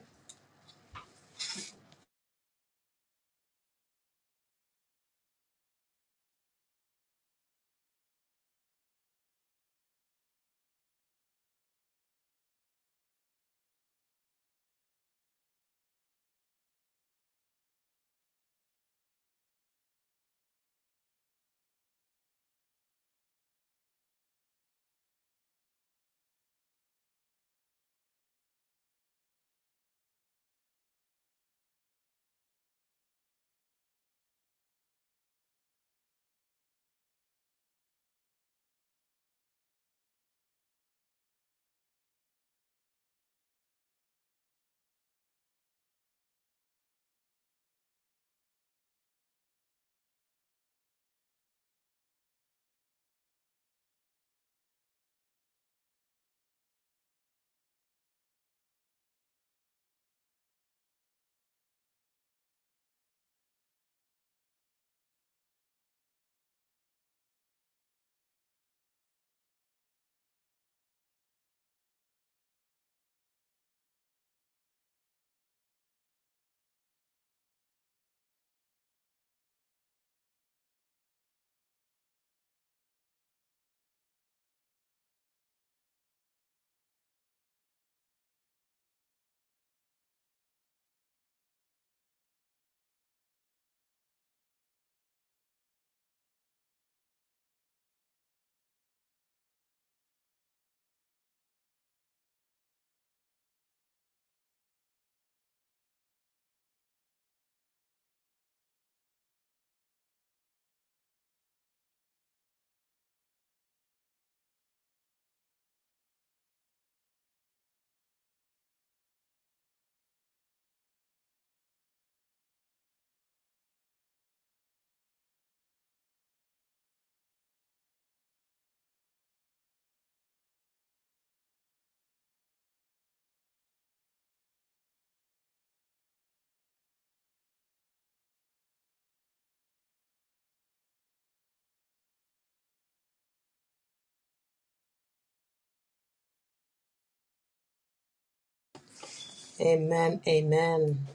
[SPEAKER 3] Amen. Amen.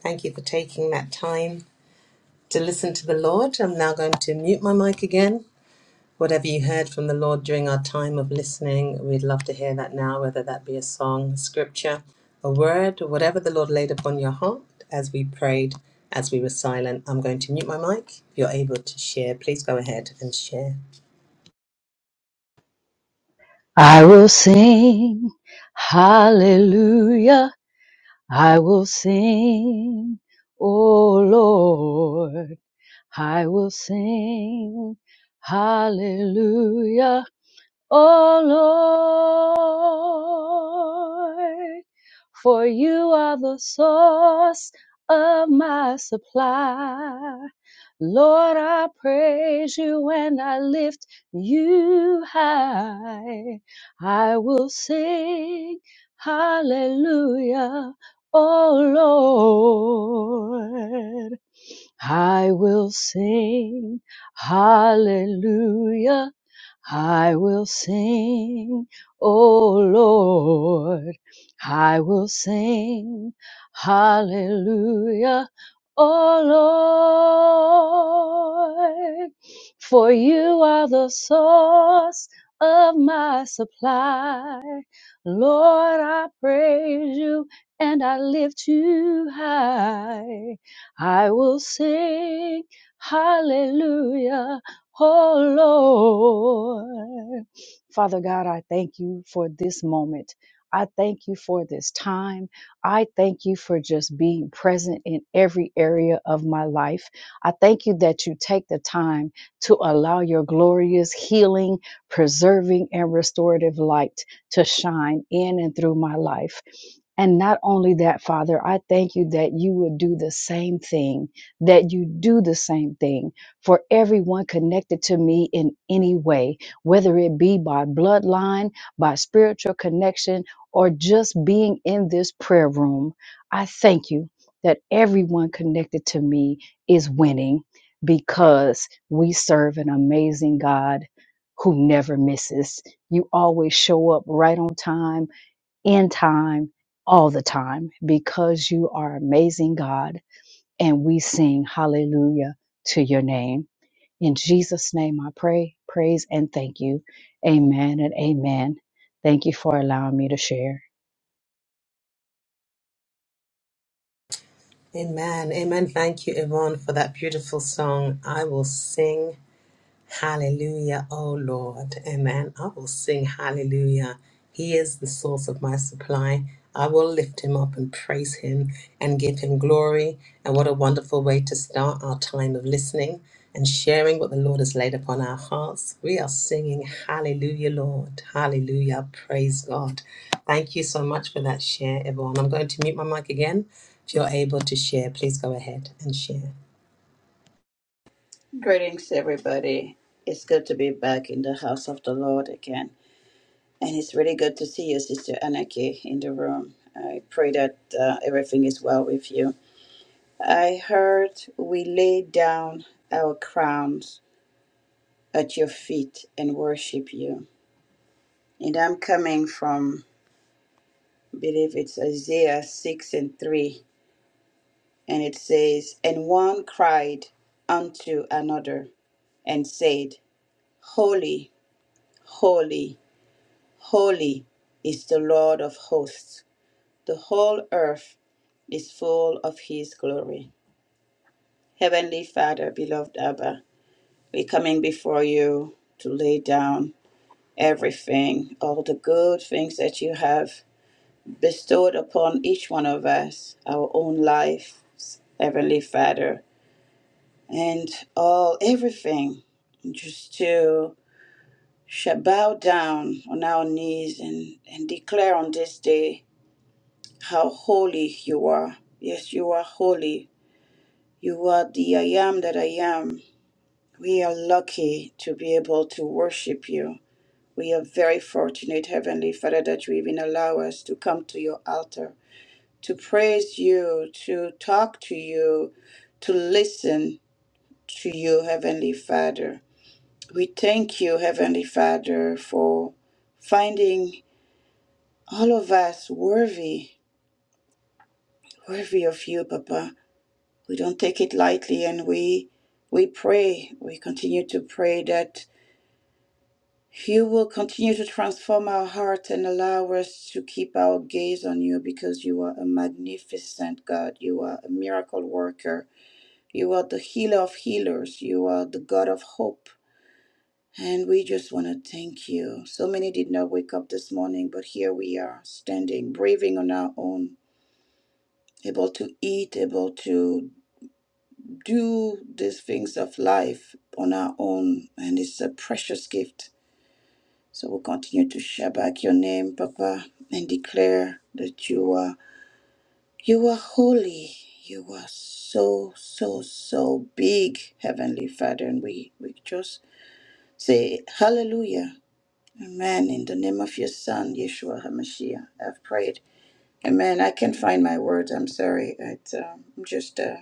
[SPEAKER 3] Thank you for taking that time to listen to the Lord. I'm now going to mute my mic again. Whatever you heard from the Lord during our time of listening, we'd love to hear that now, whether that be a song, scripture, a word, whatever the Lord laid upon your heart as we prayed, as we were silent. I'm going to mute my mic. If you're able to share, please go ahead and share.
[SPEAKER 5] I will sing, hallelujah, I will sing, oh Lord, I will sing, hallelujah. O Lord, for you are the source of my supply. Lord, I praise you and I lift you high. I will sing hallelujah, O Lord. I will sing hallelujah. I will sing, O Lord. I will sing hallelujah, O Lord. For you are the source of my supply. Lord, I praise you and I lift you high. I will sing hallelujah, oh Lord. Father God, I thank you for this moment. I thank you for this time. I thank you for just being present in every area of my life. I thank you that you take the time to allow your glorious healing, preserving, and restorative light to shine in and through my life. And not only that, Father, I thank you that you would do the same thing, that you do the same thing for everyone connected to me in any way, whether it be by bloodline, by spiritual connection, or just being in this prayer room. I thank you that everyone connected to me is winning because we serve an amazing God who never misses. You always show up right on time, in time, all the time, because you are amazing God. And we sing hallelujah to your name. In Jesus' name, I pray, praise, and thank you. Amen and amen. Thank you for allowing me to share.
[SPEAKER 3] Amen. Amen. Thank you, Yvonne, for that beautiful song. I will sing. Hallelujah, oh Lord. Amen. I will sing hallelujah. He is the source of my supply. I will lift him up and praise him and give him glory. And what a wonderful way to start our time of listening and sharing what the Lord has laid upon our hearts. We are singing hallelujah, Lord. Hallelujah. Praise God. Thank you so much for that share, everyone. I'm going to mute my mic again. If you're able to share, please go ahead and share.
[SPEAKER 4] Greetings, everybody. It's good to be back in the house of the Lord again. And it's really good to see you, Sister Anaki, in the room. I pray that uh, everything is well with you. I heard we lay down our crowns at your feet and worship you. And I'm coming from, I believe it's Isaiah 6 and 3. And it says, And one cried unto another and said, Holy, holy, holy is the Lord of hosts. The whole earth is full of his glory. Heavenly Father, beloved Abba, we're coming before you to lay down. everything, all the good things that you have bestowed upon each one of us, our own lives, Heavenly Father, and all everything, just to sh- bow down on our knees and, and declare on this day how holy you are. Yes, you are holy. You are the I am that I am. We are lucky to be able to worship you We are very fortunate, Heavenly Father, that you even allow us to come to your altar, to praise you, to talk to you, to listen to you, Heavenly Father. We thank you, Heavenly Father, for finding all of us worthy, worthy of you, Papa. We don't take it lightly and we we pray, we continue to pray that You will continue to transform our heart and allow us to keep our gaze on you because you are a magnificent God. You are a miracle worker. You are the healer of healers. You are the God of hope. And we just want to thank you. So many did not wake up this morning, but here we are standing, breathing on our own, able to eat, able to do these things of life on our own. And it's a precious gift. So we continue to share back your name, Papa, and declare that you are you are holy. You are so, so, so big, Heavenly Father. And we, we just say hallelujah. Amen. In the name of your son, Yeshua HaMashiach, I've prayed. Amen. I can't find my words. I'm sorry. It, um, I'm just uh,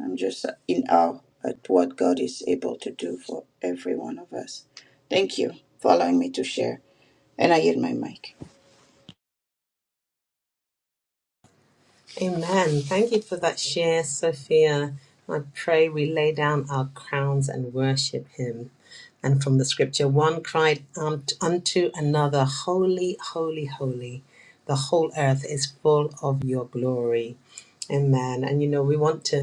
[SPEAKER 4] I'm just in awe at what God is able to do for every one of us. Thank you for allowing me to share. And I yield my mic.
[SPEAKER 3] Amen. but share Sophia. I pray we lay down our crowns and worship him. And from the scripture, one cried um, unto another, Holy, holy, holy. The whole earth is full of your glory. Amen. And you know, we want to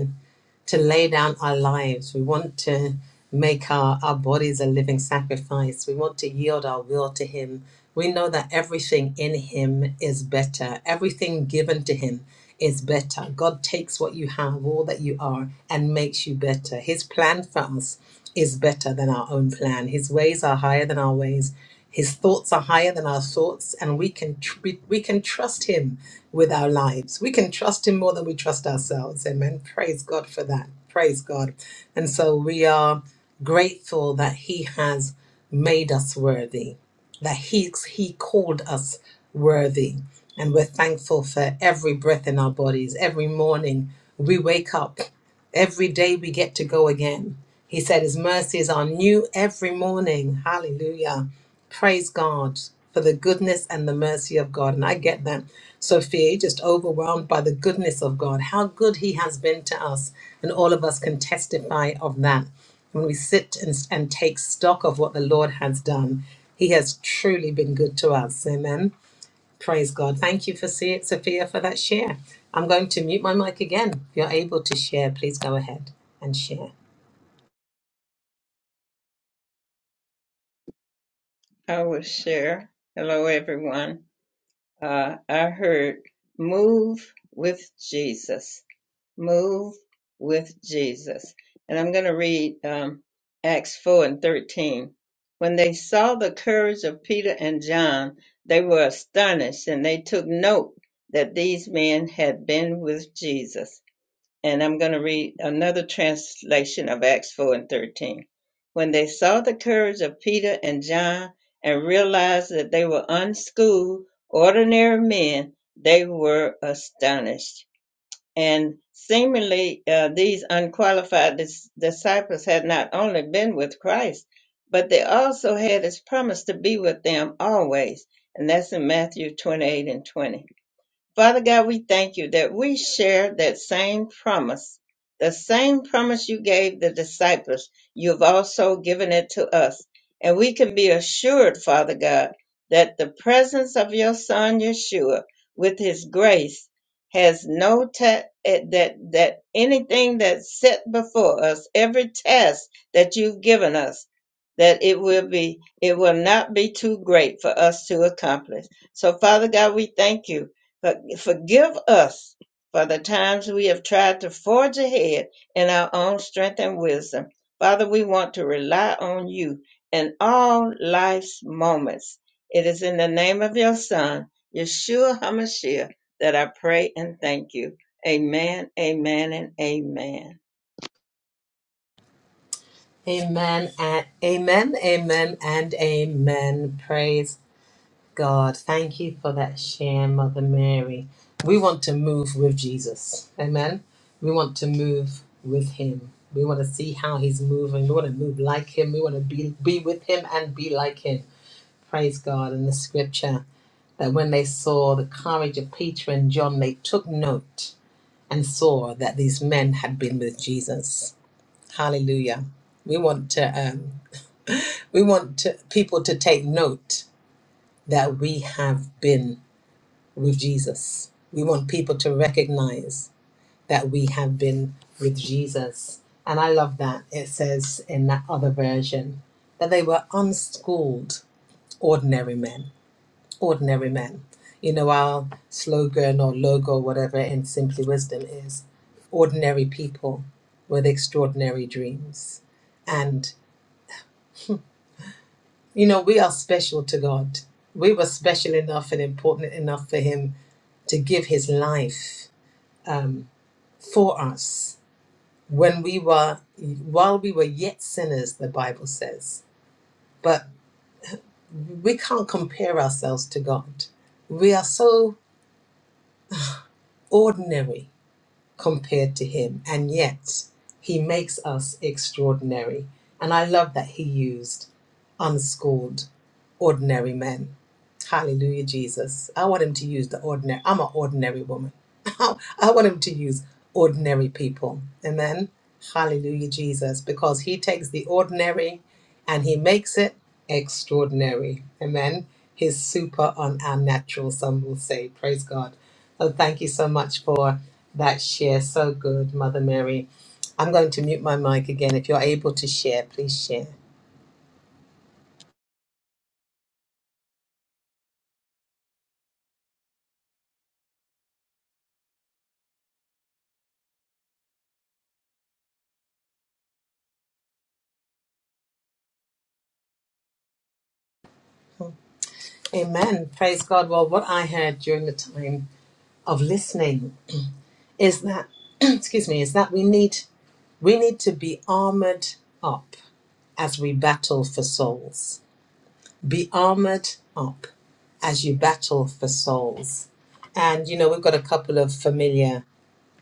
[SPEAKER 3] to lay down our lives. We want to make our, our bodies a living sacrifice. We want to yield our will to Him. We know that everything in Him is better, everything given to Him is better. God takes what you have, all that you are, and makes you better. His plan for us is better than our own plan. His ways are higher than our ways. His thoughts are higher than our thoughts, and we can tr- we we can trust Him with our lives. We can trust Him more than we trust ourselves. Amen. Praise God for that. Praise God. And so we are grateful that He has made us worthy, that He He called us worthy, and we're thankful for every breath in our bodies. Every morning we wake up. Every day we get to go again. He said his mercies are new every morning. Hallelujah. Praise God for the goodness and the mercy of God. And I get that, Sophia, just overwhelmed by the goodness of God, how good He has been to us. And all of us can testify of that. When we sit and, and take stock of what the Lord has done, He has truly been good to us. Amen. Praise God. Thank you for Se- Sophia for that share. I'm going to mute my mic again. If you're able to share, please go ahead and share.
[SPEAKER 1] Uh, I heard move with Jesus. Move with Jesus. And I'm going to read um, Acts 4 and 13. When they saw the courage of Peter and John, they were astonished and they took note that these men had been with Jesus. And I'm going to read another translation of Acts 4 and 13. When they saw the courage of Peter and John and realized that they were unschooled, ordinary men, they were astonished and seemingly, uh, these unqualified dis- disciples had not only been with Christ, but they also had his promise to be with them always. And that's in Matthew 28 and 20. Father God, we thank you that we share that same promise, the same promise you gave the disciples. You've also given it to us. And we can be assured, Father God, that the presence of your son Yeshua with his grace has no ta- eh, that that anything that's set before us, every task that you've given us, that it will be it will not be too great for us to accomplish. So Father God, we thank you for- Forgive us for the times we have tried to forge ahead in our own strength. Father, we want to rely on you in all life's moments. It is in the name of your Son, Yeshua HaMashiach, that I pray and thank you. Amen, amen, and amen.
[SPEAKER 3] Amen and amen, amen and amen. Praise God, thank you for that share, Mother Mary. We want to move with Jesus. Amen. We want to move with him. We want to see how he's moving. We want to move like him. We want to be, be with him and be like him. Praise God. In the scripture, that when they saw the courage of Peter and John, they took note and saw that these men had been with Jesus. Hallelujah. We want to um, we want to, people to take note that we have been with Jesus. We want people to recognize that we have been with Jesus. And I love that. It says in that other version that they were unschooled, ordinary men, ordinary men. You know, our slogan or logo, whatever, in Simply Wisdom is ordinary people with extraordinary dreams. And, you know, we are special to God. We were special enough and important enough for Him to give His life um, for us when we were while we were yet sinners the bible says but we can't compare ourselves to god we are so ordinary compared to him. And yet, he makes us extraordinary. And I love that he used unschooled, ordinary men. Hallelujah, Jesus. I want him to use the ordinary. I'm an ordinary woman. I want him to use ordinary people. Amen. Hallelujah, Jesus. Because he takes the ordinary and he makes it extraordinary. Amen. His super on our natural, some will say. Praise God. Oh, thank you so much for. That share so good, Mother Mary. I'm going to mute my mic again. If you're able to share, please share. Amen. Praise God. Well, what I heard during the time of listening is that, excuse me, is that we need we need to be armored up as we battle for souls. Be armored up as you battle for souls. And you know, we've got a couple of familiar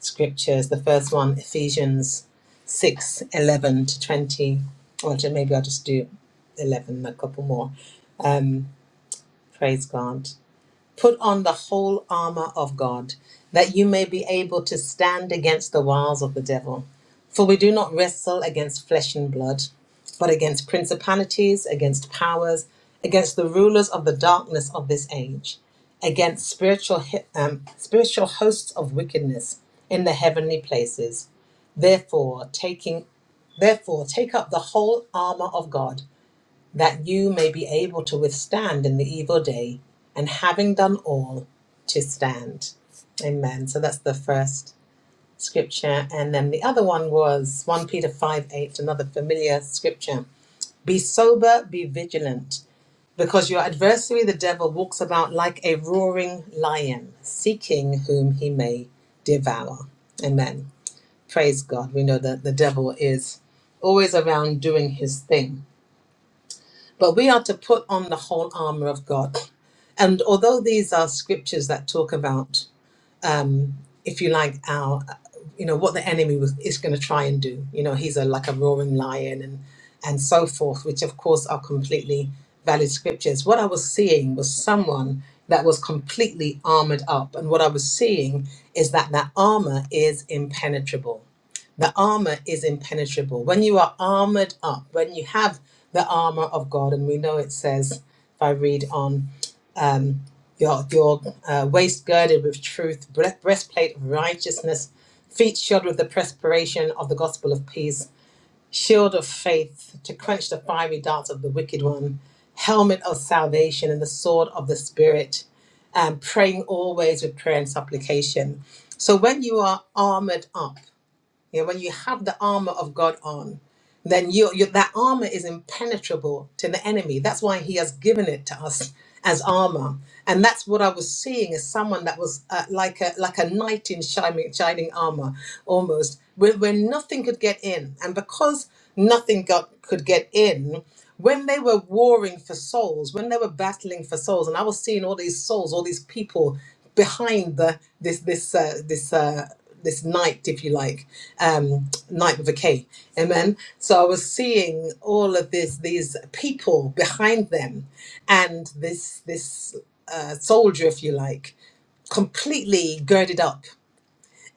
[SPEAKER 3] scriptures. The first one, Ephesians 6, 11 to 20. Or ju- maybe I'll just do 11, a couple more. Um, praise God. Put on the whole armor of God, that you may be able to stand against the wiles of the devil. For we do not wrestle against flesh and blood, but against principalities, against powers, against the rulers of the darkness of this age, against spiritual hi- um, spiritual hosts of wickedness in the heavenly places. Therefore, taking Therefore, take up the whole armor of God that you may be able to withstand in the evil day, and having done all, to stand. Amen. So that's the first scripture. And then the other one was 1 Peter 5 8, another familiar scripture. Be sober, be vigilant, because your adversary, the devil, walks about like a roaring lion, seeking whom he may devour. Amen. Praise God. We know that the devil is always around doing his thing but we are to put on the whole armor of God. And although these are scriptures that talk about if you like, our, you know, what the enemy was, is going to try and do. You know, he's a like a roaring lion and and so forth, which of course are completely valid scriptures. What I was seeing was someone that was completely armored up, and what I was seeing is that that armor is impenetrable. The armor is impenetrable. When you are armored up, when you have the armor of God, and we know it says, if I read on um, your your uh, waist girded with truth, breastplate of righteousness, feet shod with the perspiration of the gospel of peace, shield of faith to quench the fiery darts of the wicked one, helmet of salvation and the sword of the spirit, and praying always with prayer and supplication. So when you are armored up. Yeah, when you have the armor of God on, then you, you that armor is impenetrable to the enemy. That's why He has given it to us as armor, and that's what I was seeing as someone that was uh, like a like a knight in shining shining armor, almost where, where nothing could get in, and because nothing got could get in when they were warring for souls, when they were battling for souls, and I was seeing all these souls, all these people behind the this this uh, this uh, this night, if you like, um, night with a K, amen. So I was seeing all of this these people behind them, and this this uh, soldier, if you like, completely girded up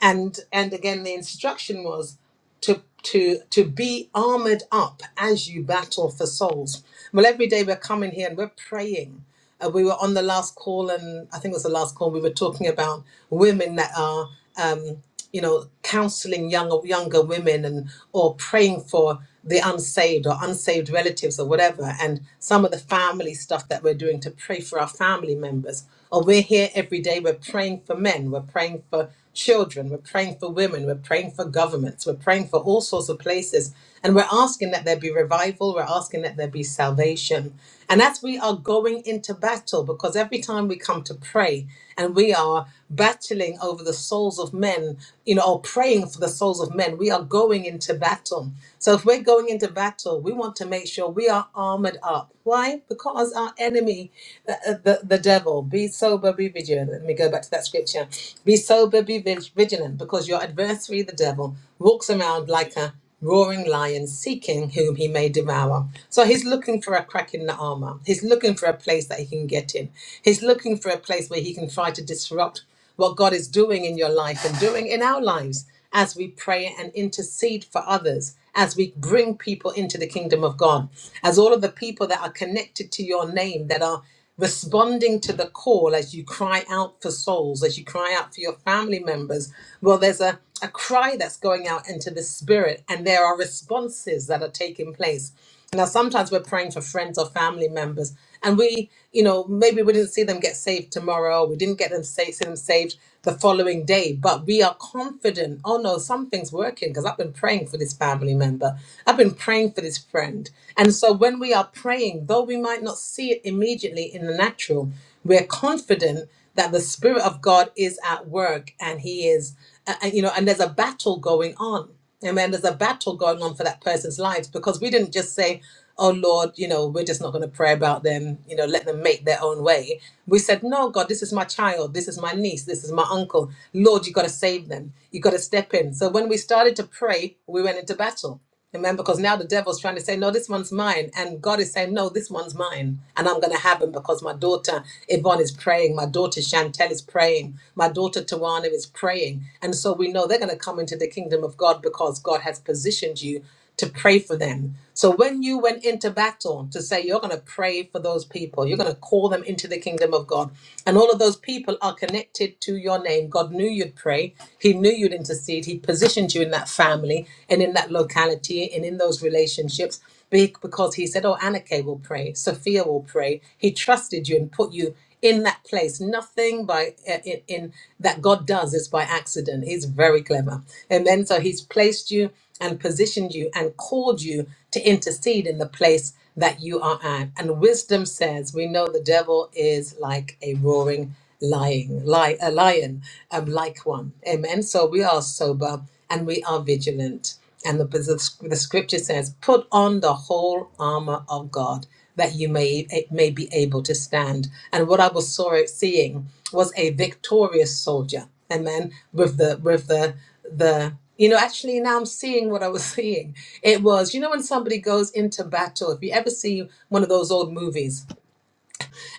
[SPEAKER 3] and and again the instruction was to to to be armored up as you battle for souls well every day we're coming here and we're praying uh, we were on the last call and i think it was the last call we were talking about women that are um you know, counseling young or younger women and or praying for the unsaved or unsaved relatives or whatever, and some of the family stuff that we're doing to pray for our family members. Or we're here every day, we're praying for men, we're praying for children, we're praying for women, we're praying for governments, we're praying for all sorts of places. And we're asking that there be revival, we're asking that there be salvation. And as we are going into battle, because every time we come to pray and we are battling over the souls of men, you know, or praying for the souls of men, we are going into battle. So if we're going into battle, we want to make sure we are armored up. Why? Because our enemy, the, uh, the, the devil, be sober, be vigilant. Let me go back to that scripture. Be sober, be vig- vigilant, because your adversary, the devil, walks around like a roaring lion seeking whom he may devour. So he's looking for a crack in the armor. He's looking for a place that he can get in. He's looking for a place where he can try to disrupt what God is doing in your life and doing in our lives as we pray and intercede for others, as we bring people into the kingdom of God, as all of the people that are connected to your name that are responding to the call as you cry out for souls, as you cry out for your family members. Well, there's a, a cry that's going out into the spirit, and there are responses that are taking place. Now, sometimes we're praying for friends or family members, and we, you know, maybe we didn't see them get saved tomorrow, we didn't get them saved, see them saved the following day, but we are confident, oh no, something's working because I've been praying for this family member, I've been praying for this friend. and so when we are praying, though we might not see it immediately in the natural, we're confident that the Spirit of God is at work and He is, uh, and, you know, and there's a battle going on. Amen. There's a battle going on for that person's lives because we didn't just say, oh Lord, you know, we're just not going to pray about them, you know, let them make their own way. We said, no, God, this is my child, this is my niece, this is my uncle. Lord, you got to save them. You got to step in. So when we started to pray, we went into battle. Amen. Because now the devil's trying to say, no, this one's mine. And God is saying, no, this one's mine. And I'm going to have him because my daughter Yvonne is praying. My daughter Chantel is praying. My daughter Tawana is praying. And so we know they're going to come into the kingdom of God because God has positioned you to pray for them. So when you went into battle to say you're going to pray for those people, you're going to call them into the kingdom of God, and all of those people are connected to your name. God knew you'd pray. He knew you'd intercede. He positioned you in that family and in that locality and in those relationships be- because he said, "Oh, Anake will pray. Sophia will pray." He trusted you and put you in that place. Nothing by uh, in, in that God does is by accident. He's very clever. And then so he's placed you and positioned you and called you to intercede in the place that you are at. And wisdom says, we know the devil is like a roaring lying, lie, a lion, um, like one. Amen. So we are sober and we are vigilant. And the, the scripture says, put on the whole armor of God that you may eh, may be able to stand. And what I was saw seeing was a victorious soldier, amen. With the with the the you know, actually now I'm seeing what I was seeing. It was you know when somebody goes into battle. If you ever see one of those old movies,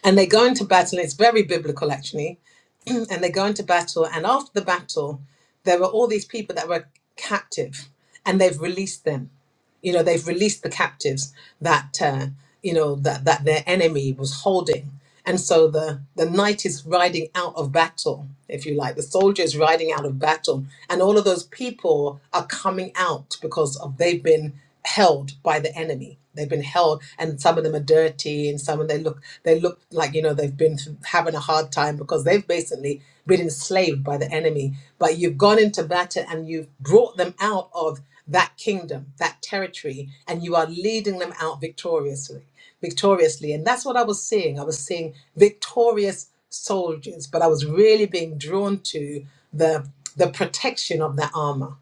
[SPEAKER 3] and they go into battle, and it's very biblical actually, and they go into battle, and after the battle, there were all these people that were captive, and they've released them you know they've released the captives that uh, you know that that their enemy was holding and so the the knight is riding out of battle if you like the soldier is riding out of battle and all of those people are coming out because of they've been held by the enemy they've been held and some of them are dirty and some of them they look they look like you know they've been th- having a hard time because they've basically been enslaved by the enemy but you've gone into battle and you've brought them out of that kingdom, that territory, and you are leading them out victoriously, victoriously. And that's what I was seeing. I was seeing victorious soldiers, but I was really being drawn to the the protection of that armor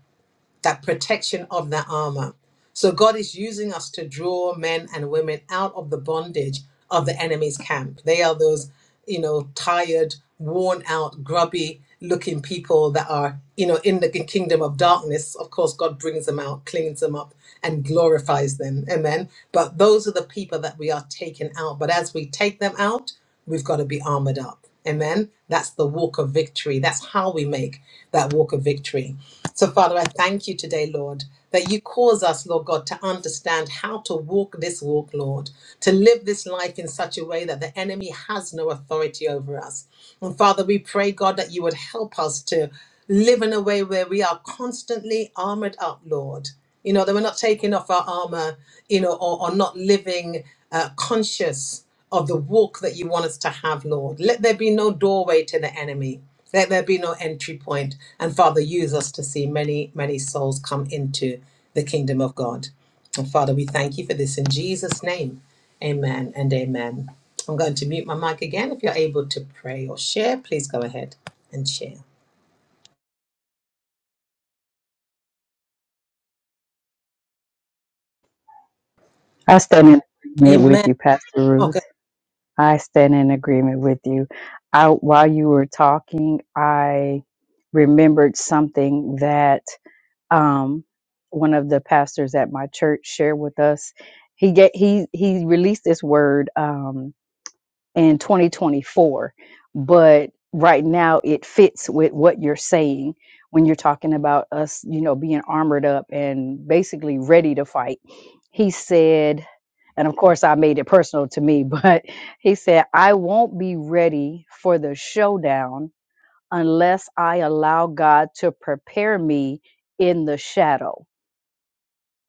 [SPEAKER 3] that protection of that armor. So God is using us to draw men and women out of the bondage of the enemy's camp. They are those, you know, tired, worn out, grubby looking people that are, you know, in the kingdom of darkness. Of course, God brings them out, cleans them up, and glorifies them. Amen. But those are the people that we are taking out. But as we take them out, we've got to be armored up. Amen. That's the walk of victory. That's how we make that walk of victory. So, Father, I thank you today, Lord, that you cause us, Lord God, to understand how to walk this walk, Lord, to live this life in such a way that the enemy has no authority over us. And Father, we pray, God, that you would help us to live in a way where we are constantly armored up, Lord. You know, that we're not taking off our armor, you know, or, or not living uh, conscious of the walk that you want us to have, Lord. Let there be no doorway to the enemy. Let there be no entry point. And Father, use us to see many, many souls come into the kingdom of God. And Father, we thank you for this in Jesus' name. Amen and amen. I'm going to mute my mic again. If you're able to pray or share, please go ahead and share.
[SPEAKER 5] I stand in agreement with
[SPEAKER 3] Amen.
[SPEAKER 5] you, Pastor
[SPEAKER 3] Oh,
[SPEAKER 5] Ruth. I stand in agreement with you. I, while you were talking, I remembered something that um, one of the pastors at my church shared with us. He get he he released this word um, in 2024, but right now it fits with what you're saying when you're talking about us, you know, being armored up and basically ready to fight. He said, and of course I made it personal to me, but he said, I won't be ready for the showdown unless I allow God to prepare me in the shadow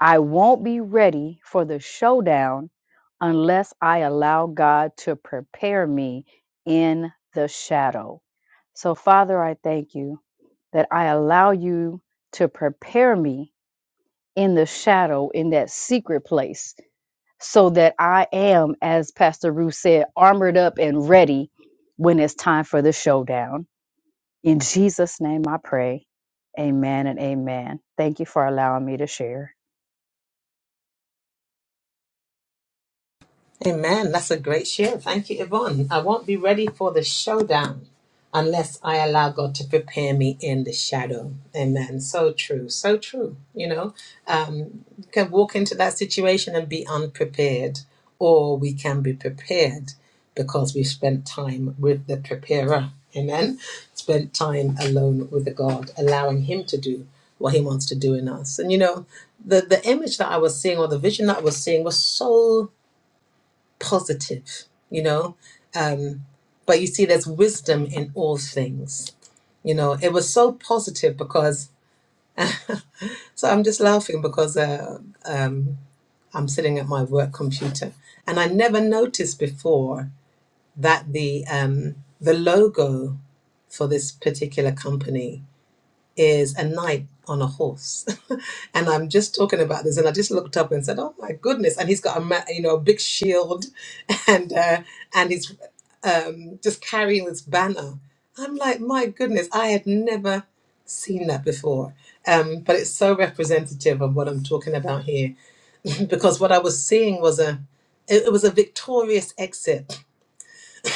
[SPEAKER 5] I won't be ready for the showdown unless I allow God to prepare me in the shadow. So, Father, I thank you that I allow you to prepare me in the shadow, in that secret place, so that I am, as Pastor Ruth said, armored up and ready when it's time for the showdown. In Jesus' name I pray. Amen and amen. Thank you for allowing me to share.
[SPEAKER 3] Amen. That's a great share. Thank you, Yvonne. I won't be ready for the showdown unless I allow God to prepare me in the shadow. Amen. So true. So true. You know, um, you can walk into that situation and be unprepared, or we can be prepared because we've spent time with the preparer. Amen. Spent time alone with the God, allowing Him to do what He wants to do in us. And you know, the, the image that I was seeing or the vision that I was seeing was so positive, you know. Um, but you see, there's wisdom in all things. You know, it was so positive because, so I'm just laughing because uh, um, I'm sitting at my work computer and I never noticed before that the, um, the logo for this particular company is a knight on a horse. and I'm just talking about this, and I just looked up and said, "Oh my goodness!" And he's got a ma- you know a big shield, and uh, and he's um, just carrying this banner. I'm like, my goodness, I had never seen that before. Um, but it's so representative of what I'm talking about here, because what I was seeing was a it, it was a victorious exit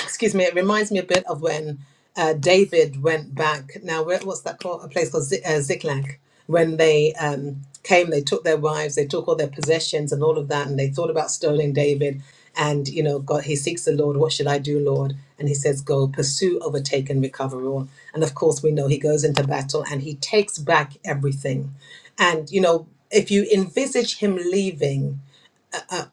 [SPEAKER 3] excuse me, it reminds me a bit of when uh, David went back. Now, where, what's that called? A place called Zi- uh, Ziklag. When they um, came, they took their wives, they took all their possessions and all of that, and they thought about stoning David. And you know, God, he seeks the Lord. What should I do, Lord? And he says, "Go, pursue, overtake, and recover all." And of course, we know he goes into battle and he takes back everything. And you know, if you envisage him leaving,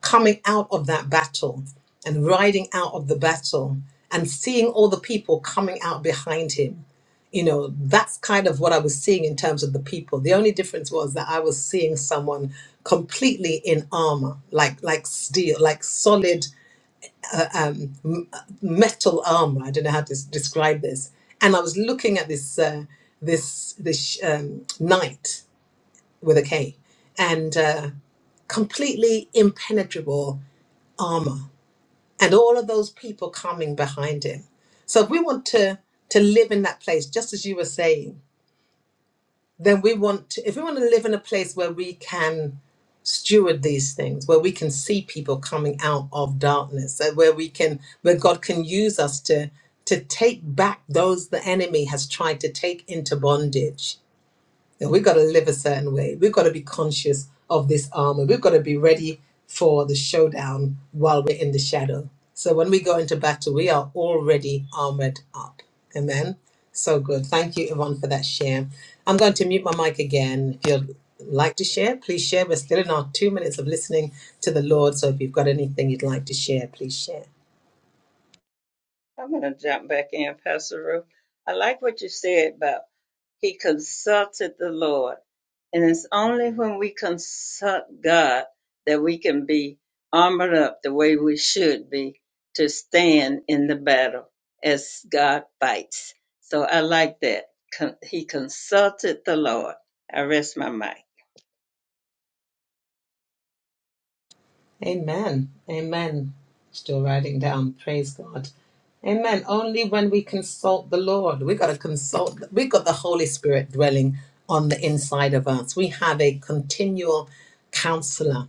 [SPEAKER 3] coming out of that battle and riding out of the battle and seeing all the people coming out behind him. You know, that's kind of what I was seeing in terms of the people. The only difference was that I was seeing someone completely in armor, like like steel, like solid um, m- uh, metal armor. I don't know how to s- describe this. And I was looking at this uh, this this um, knight with a K, and uh, completely impenetrable armor and all of those people coming behind him. So if we want to to live in that place, just as you were saying, then we want to, if we want to live in a place where we can steward these things, where we can see people coming out of darkness, uh, where we can where God can use us to to take back those the enemy has tried to take into bondage that we've got to live a certain way. We've got to be conscious of this armor. We've got to be ready for the showdown while we're in the shadow. So when we go into battle, we are already armored up. Amen. So good. Thank you, Yvonne, for that share. I'm going to mute my mic again. If you'd like to share, please share. We're still in our two minutes of listening to the Lord. So if you've got anything you'd like to share, please share.
[SPEAKER 1] I'm going to jump back in, Pastor Ruth. I like what you said about he consulted the Lord. And it's only when we consult God that we can be armored up the way we should be to stand in the battle as God fights. So I like that. Con- he consulted the Lord. I rest my mic.
[SPEAKER 3] Amen. Amen. Still writing down. Praise God. Amen. Only when we consult the Lord, we got to consult. we got the Holy Spirit dwelling on the inside of us. We have a continual counselor.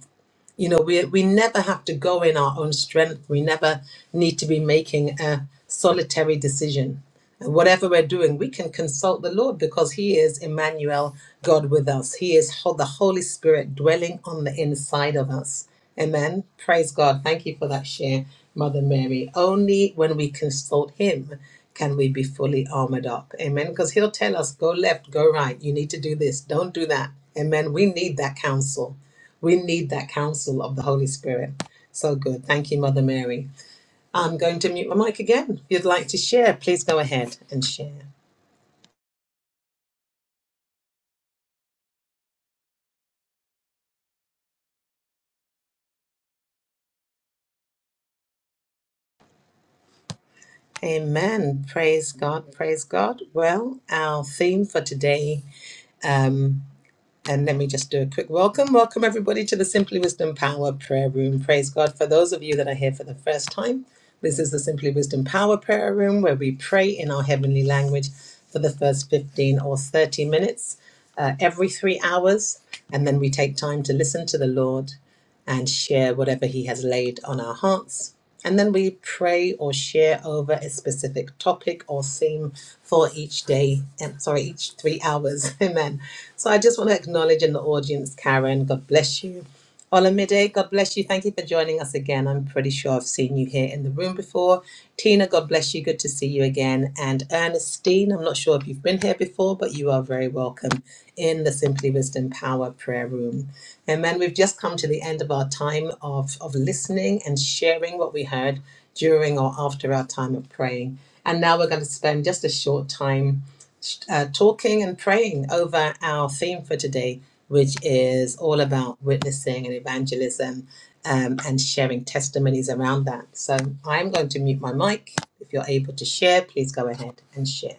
[SPEAKER 3] You know, we we never have to go in our own strength. We never need to be making a solitary decision. And whatever we're doing, we can consult the Lord because He is Emmanuel, God with us. He is ho- the Holy Spirit dwelling on the inside of us. Amen. Praise God. Thank you for that share, Mother Mary. Only when we consult Him can we be fully armored up. Amen. Because He'll tell us, go left, go right. You need to do this. Don't do that. Amen. We need that counsel. We need that counsel of the Holy Spirit. So good. Thank you, Mother Mary. I'm going to mute my mic again. If you'd like to share, please go ahead and share. Amen. Praise God. Praise God. Well, our theme for today um, And let me just do a quick welcome. Welcome, everybody, to the Simply Wisdom Power Prayer Room. Praise God. For those of you that are here for the first time, this is the Simply Wisdom Power Prayer Room where we pray in our heavenly language for the first 15 or 30 minutes uh, every three hours. And then we take time to listen to the Lord and share whatever He has laid on our hearts. And then we pray or share over a specific topic or theme for each day, and sorry, each three hours. Amen. So I just want to acknowledge in the audience, Karen, God bless you. Olamide, God bless you. Thank you for joining us again. I'm pretty sure I've seen you here in the room before. Tina, God bless you. Good to see you again. And Ernestine, I'm not sure if you've been here before, but you are very welcome in the Simply Wisdom Power Prayer Room. Amen. We've just come to the end of our time of, of listening and sharing what we heard during or after our time of praying. And now we're going to spend just a short time uh, talking and praying over our theme for today, which is all about witnessing and evangelism um, and sharing testimonies around that. So I'm going to mute my mic. If you're able to share, please go ahead and share.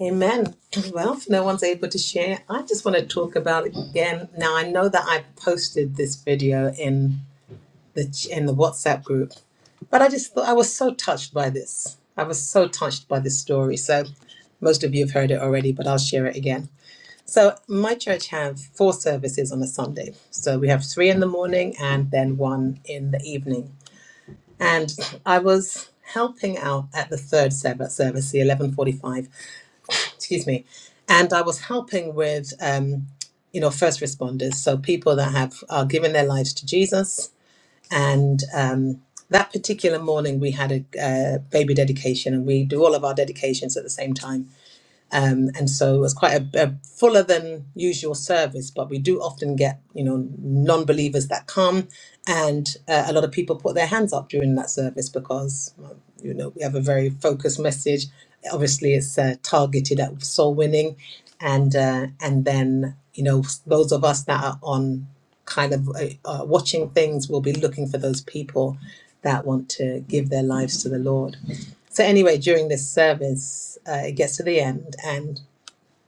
[SPEAKER 3] Amen. Well, if no one's able to share, I just want to talk about it again. Now I know that I posted this video in the ch- in the WhatsApp group, but I just thought I was so touched by this. I was so touched by this story. So most of you have heard it already, but I'll share it again. So my church have four services on a Sunday. So we have three in the morning and then one in the evening. And I was helping out at the third Sabbath service, the 11:45 excuse me, and I was helping with, um, you know, first responders, so people that have are given their lives to Jesus. And um, that particular morning, we had a uh, baby dedication, and we do all of our dedications at the same time um, and so it's quite a, a fuller than usual service. But we do often get you know non-believers that come, and uh, a lot of people put their hands up during that service because well, you know we have a very focused message. Obviously, it's uh, targeted at soul winning, and uh, and then you know those of us that are on kind of uh, uh, watching things will be looking for those people that want to give their lives to the Lord. So anyway, during this service, uh, it gets to the end, and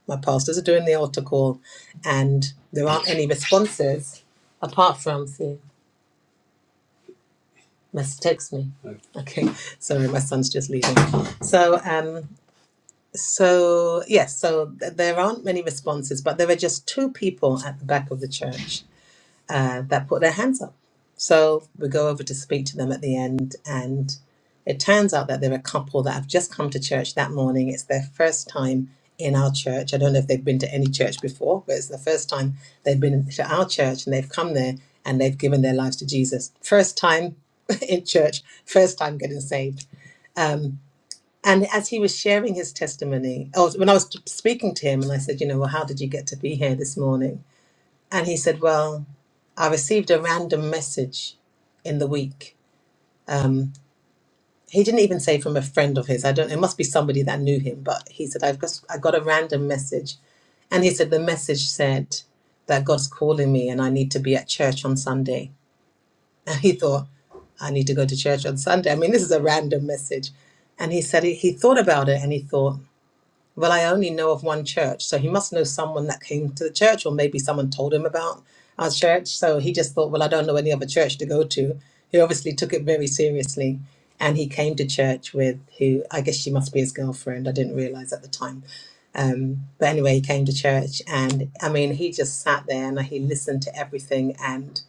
[SPEAKER 3] my pastors are doing the altar call, and there aren't any responses apart from see, must text me. Okay, sorry, my son's just leaving. So um, so yes, so th- there aren't many responses, but there are just two people at the back of the church uh, that put their hands up. So we go over to speak to them at the end, and it turns out that they're a couple that have just come to church that morning. It's their first time in our church. I don't know if they've been to any church before, but it's the first time they've been to our church and they've come there and they've given their lives to Jesus. First time in church, first time getting saved. Um, and as he was sharing his testimony, oh, when I was speaking to him, and I said, You know, well, how did you get to be here this morning? And he said, Well, I received a random message in the week. Um, he didn't even say from a friend of his. I don't. It must be somebody that knew him. But he said, "I've got I got a random message," and he said the message said that God's calling me and I need to be at church on Sunday. And he thought, "I need to go to church on Sunday." I mean, this is a random message, and he said he, he thought about it and he thought. Well, I only know of one church, so he must know someone that came to the church, or maybe someone told him about our church. So he just thought, well, I don't know any other church to go to. He obviously took it very seriously, and he came to church with who I guess she must be his girlfriend. I didn't realize at the time. Um, but anyway, he came to church, and I mean, he just sat there and he listened to everything, and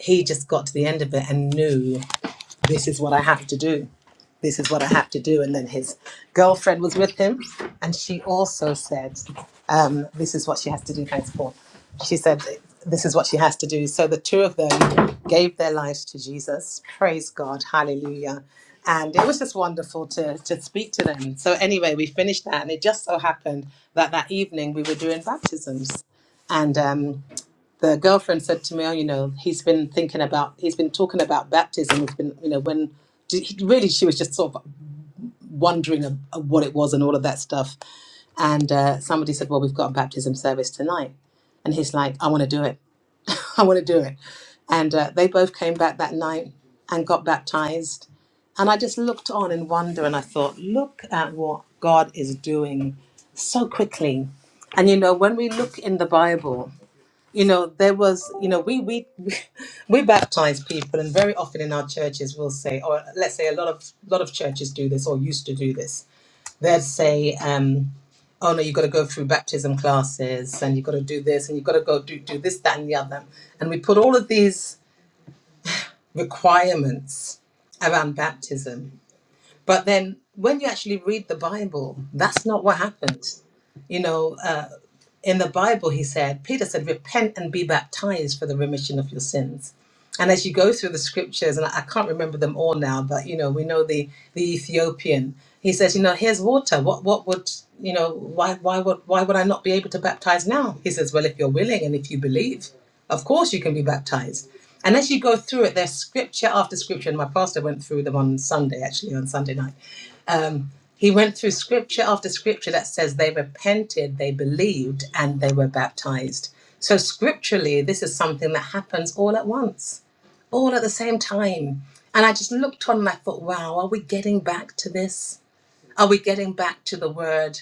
[SPEAKER 3] he just got to the end of it and knew this is what I have to do this is what I have to do. And then his girlfriend was with him, and she also said, um, this is what she has to do. Thanks, Paul. She said, this is what she has to do. So the two of them gave their lives to Jesus. Praise God. Hallelujah. And it was just wonderful to, to speak to them. So, anyway, we finished that, and it just so happened that that evening we were doing baptisms. And um, the girlfriend said to me, "Oh, you know, he's been thinking about, he's been talking about baptism. He's been, you know, when really she was just sort of wondering of, of what it was and all of that stuff. And uh, somebody said, Well, we've got a baptism service tonight. And he's like, I want to do it. I want to do it. And uh, they both came back that night and got baptized. And I just looked on in wonder and I thought, Look at what God is doing so quickly. And you know, when we look in the Bible, you know, there was, you know, we we we baptize people and very often in our churches we'll say, or let's say a lot of lot of churches do this or used to do this. They'd say um, oh no, you've got to go through baptism classes and you've got to do this and you've got to go do, do this, that, and the other. And we put all of these requirements around baptism. But then when you actually read the Bible, that's not what happened. You know, uh, in the Bible, he said, Peter said, repent and be baptized for the remission of your sins. And as you go through the scriptures, and I I can't remember them all now, but you know, we know the, the Ethiopian. He says, you know, here's water. What what would you know, why why would why would I not be able to baptize now? He says, Well, if you're willing and if you believe, of course you can be baptized. And as you go through it, there's scripture after scripture, and my pastor went through them on Sunday, actually on Sunday night he went through scripture after scripture that says they repented, they believed, and they were baptized. So, scripturally, this is something that happens all at once, all at the same time. And I just looked on and I thought, wow, are we getting back to this? Are we getting back to the word?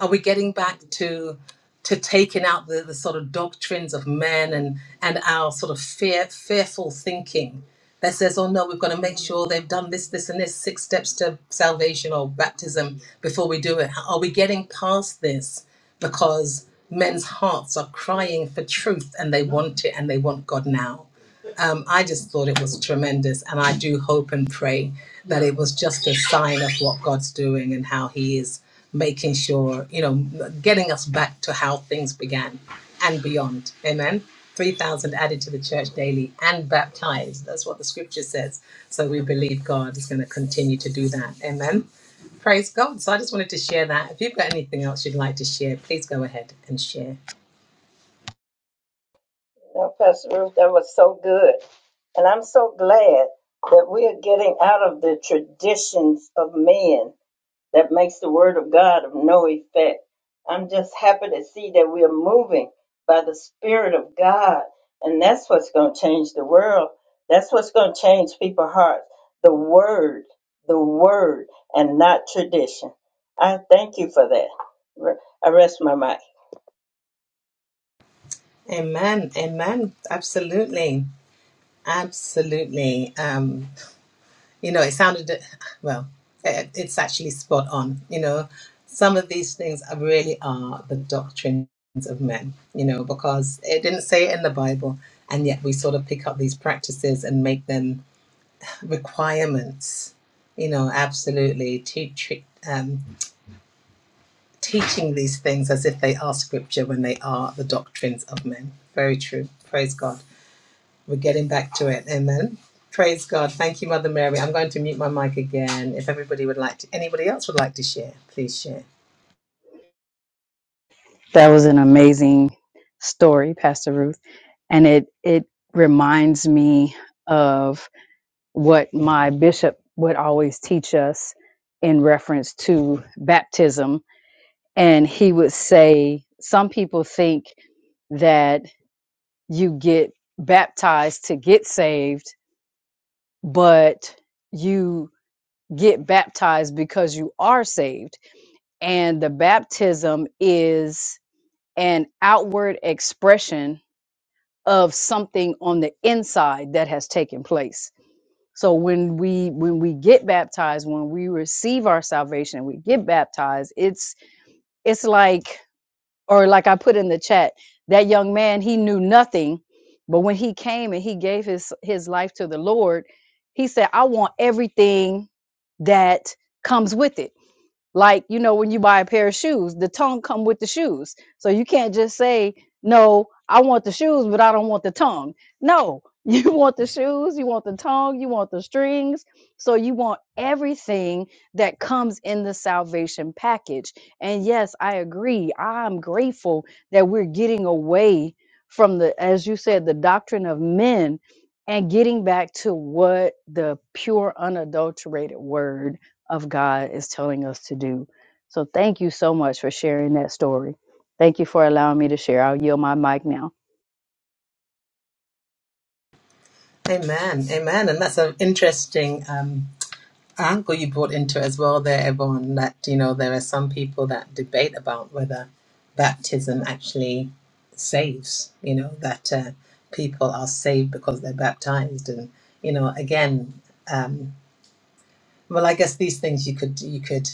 [SPEAKER 3] are we getting back to to taking out the, the sort of doctrines of men and and our sort of fear fearful thinking that says oh no we've got to make sure they've done this this and this six steps to salvation or baptism before we do it are we getting past this because men's hearts are crying for truth and they want it and they want god now um, I just thought it was tremendous, and I do hope and pray that it was just a sign of what God's doing and how He is making sure, you know, getting us back to how things began and beyond. Amen. 3,000 added to the church daily and baptized. That's what the scripture says. So we believe God is going to continue to do that. Amen. Praise God. So I just wanted to share that. If you've got anything else you'd like to share, please go ahead and share.
[SPEAKER 1] Well, Pastor Ruth, that was so good. And I'm so glad that we are getting out of the traditions of men that makes the word of God of no effect. I'm just happy to see that we are moving by the Spirit of God, and that's what's going to change the world. That's what's going to change people's hearts. The Word, the Word, and not tradition. I thank you for that. Re- I rest my mic.
[SPEAKER 3] Amen. Amen. Absolutely. Absolutely. Um, you know, it sounded, well, it, it's actually spot on. You know, some of these things are really are the doctrines of men, you know, because it didn't say it in the Bible, and yet we sort of pick up these practices and make them requirements. You know, absolutely. Teach, um, teaching these things as if they are scripture when they are the doctrines of men. Very true. Praise God. We're getting back to it. Amen. Praise God. Thank you, Mother Mary. I'm going to mute my mic again. If everybody would like to, anybody else would like to share, please share.
[SPEAKER 5] that was an amazing story pastor ruth and it it reminds me of what my bishop would always teach us in reference to baptism and he would say some people think that you get baptized to get saved but you get baptized because you are saved and the baptism is an outward expression of something on the inside that has taken place. So when we when we get baptized, when we receive our salvation and we get baptized, it's it's like or like I put in the chat, that young man, he knew nothing, but when he came and he gave his his life to the Lord, he said, "I want everything that comes with it." like you know when you buy a pair of shoes the tongue come with the shoes so you can't just say no i want the shoes but i don't want the tongue no you want the shoes you want the tongue you want the strings so you want everything that comes in the salvation package and yes i agree i'm grateful that we're getting away from the as you said the doctrine of men and getting back to what the pure unadulterated word of God is telling us to do. So thank you so much for sharing that story. Thank you for allowing me to share. I'll yield my mic now.
[SPEAKER 3] Amen. Amen. And that's an interesting um, angle you brought into it as well there, Yvonne, that, you know, there are some people that debate about whether baptism actually saves, you know, that uh, people are saved because they're baptized. And, you know, again, um, well, I guess these things you could, you could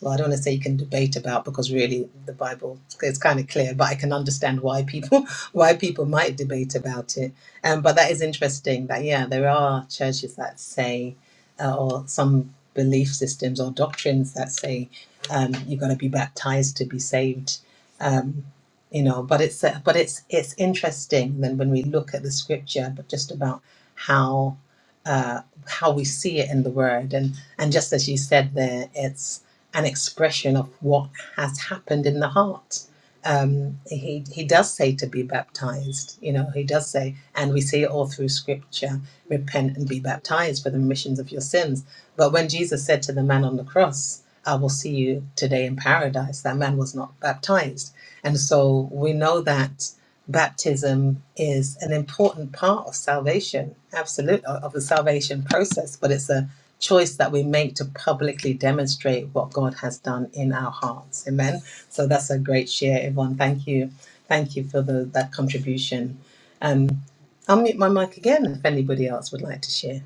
[SPEAKER 3] well, I don't want to say you can debate about because really the Bible is kind of clear, but I can understand why people why people might debate about it. Um, but that is interesting that yeah, there are churches that say, uh, or some belief systems or doctrines that say um, you've got to be baptized to be saved. Um, you know, but it's uh, but it's it's interesting then when we look at the scripture, but just about how uh, how we see it in the Word, and and just as you said there, it's an expression of what has happened in the heart. Um, he, he does say to be baptized, you know, he does say, and we see it all through scripture repent and be baptized for the remissions of your sins. But when Jesus said to the man on the cross, I will see you today in paradise, that man was not baptized. And so we know that baptism is an important part of salvation, absolutely of the salvation process, but it's a choice that we make to publicly demonstrate what God has done in our hearts. Amen. So that's a great share, Yvonne. Thank you. Thank you for the, that contribution. Um, I'll mute my mic again if anybody else would like to share.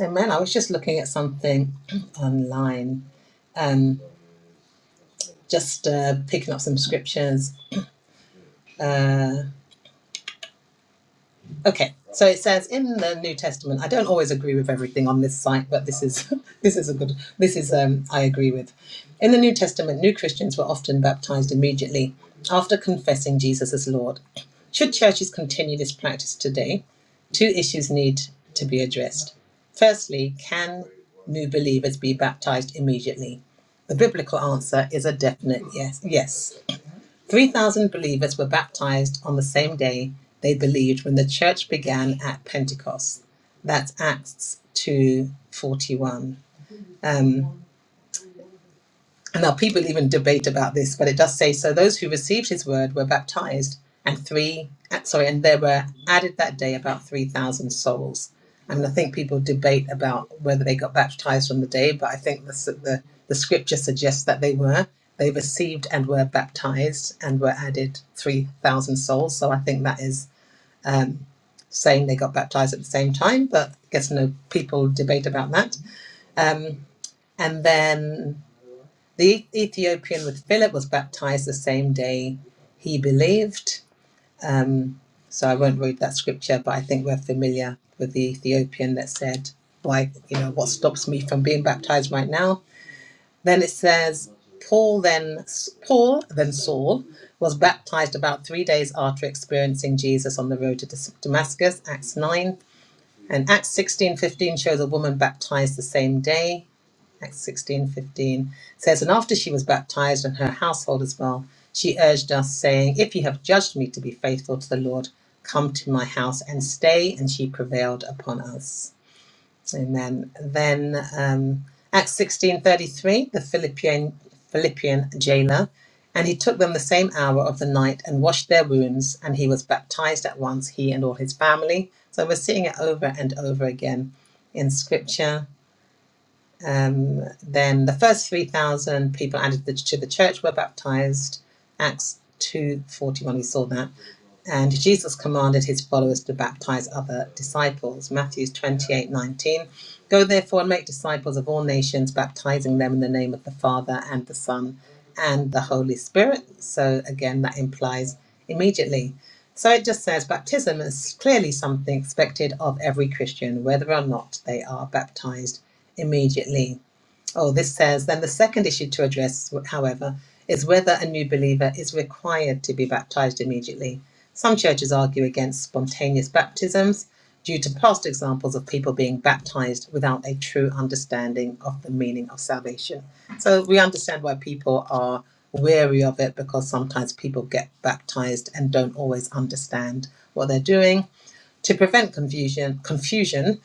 [SPEAKER 3] Amen. I was just looking at something online, um, just uh, picking up some scriptures. Uh, Okay, so it says in the New Testament. I don't always agree with everything on this site, but this is this is a good. This is um, I agree with. In the New Testament, new Christians were often baptized immediately after confessing Jesus as Lord. Should churches continue this practice today? Two issues need to be addressed. Firstly, can new believers be baptized immediately? The biblical answer is a definite yes. Yes. 3,000 believers were baptized on the same day they believed when the church began at Pentecost. That's Acts 2:41. Now, people even debate about this, but it does say so those who received his word were baptized, and three, uh, sorry, and there were added that day about 3,000 souls. I mean, I think people debate about whether they got baptized on the day, but I think the, the, the scripture suggests that they were. They received and were baptized and were added 3,000 souls. So I think that is um, saying they got baptized at the same time, but I guess no people debate about that. Um, and then the Ethiopian with Philip was baptized the same day he believed. Um, so I won't read that scripture, but I think we're familiar with the Ethiopian that said, "Why, you know, what stops me from being baptized right now?" Then it says, "Paul then Paul then Saul was baptized about three days after experiencing Jesus on the road to Damascus." Acts nine and Acts sixteen fifteen shows a woman baptized the same day. Acts 16 15 says, And after she was baptized and her household as well, she urged us, saying, If you have judged me to be faithful to the Lord, come to my house and stay. And she prevailed upon us. Amen. Then um, Acts 16 33, the Philippian, Philippian jailer, and he took them the same hour of the night and washed their wounds, and he was baptized at once, he and all his family. So we're seeing it over and over again in scripture. Um, then the first 3,000 people added the, to the church were baptized. Acts 2.41, we saw that. And Jesus commanded his followers to baptize other disciples. Matthew 28.19, Go therefore and make disciples of all nations, baptizing them in the name of the Father and the Son and the Holy Spirit. So again, that implies immediately. So it just says baptism is clearly something expected of every Christian, whether or not they are baptized immediately. Oh, this says then the second issue to address, however, is whether a new believer is required to be baptized immediately. Some churches argue against spontaneous baptisms due to past examples of people being baptized without a true understanding of the meaning of salvation. So we understand why people are wary of it because sometimes people get baptized and don't always understand what they're doing. To prevent confusion, confusion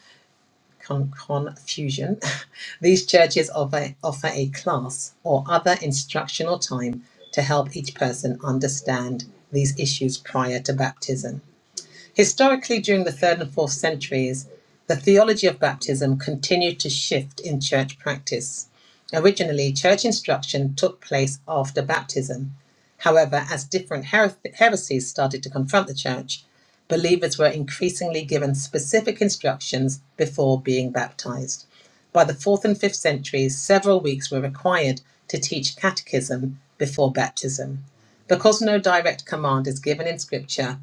[SPEAKER 3] con- confusion, these churches offer, offer a class or other instructional time to help each person understand these issues prior to baptism. Historically, during the third and fourth centuries, the theology of baptism continued to shift in church practice. Originally, church instruction took place after baptism. However, as different her- heresies started to confront the church, believers were increasingly given specific instructions before being baptized. By the fourth and fifth centuries, several weeks were required to teach catechism before baptism. Because no direct command is given in Scripture,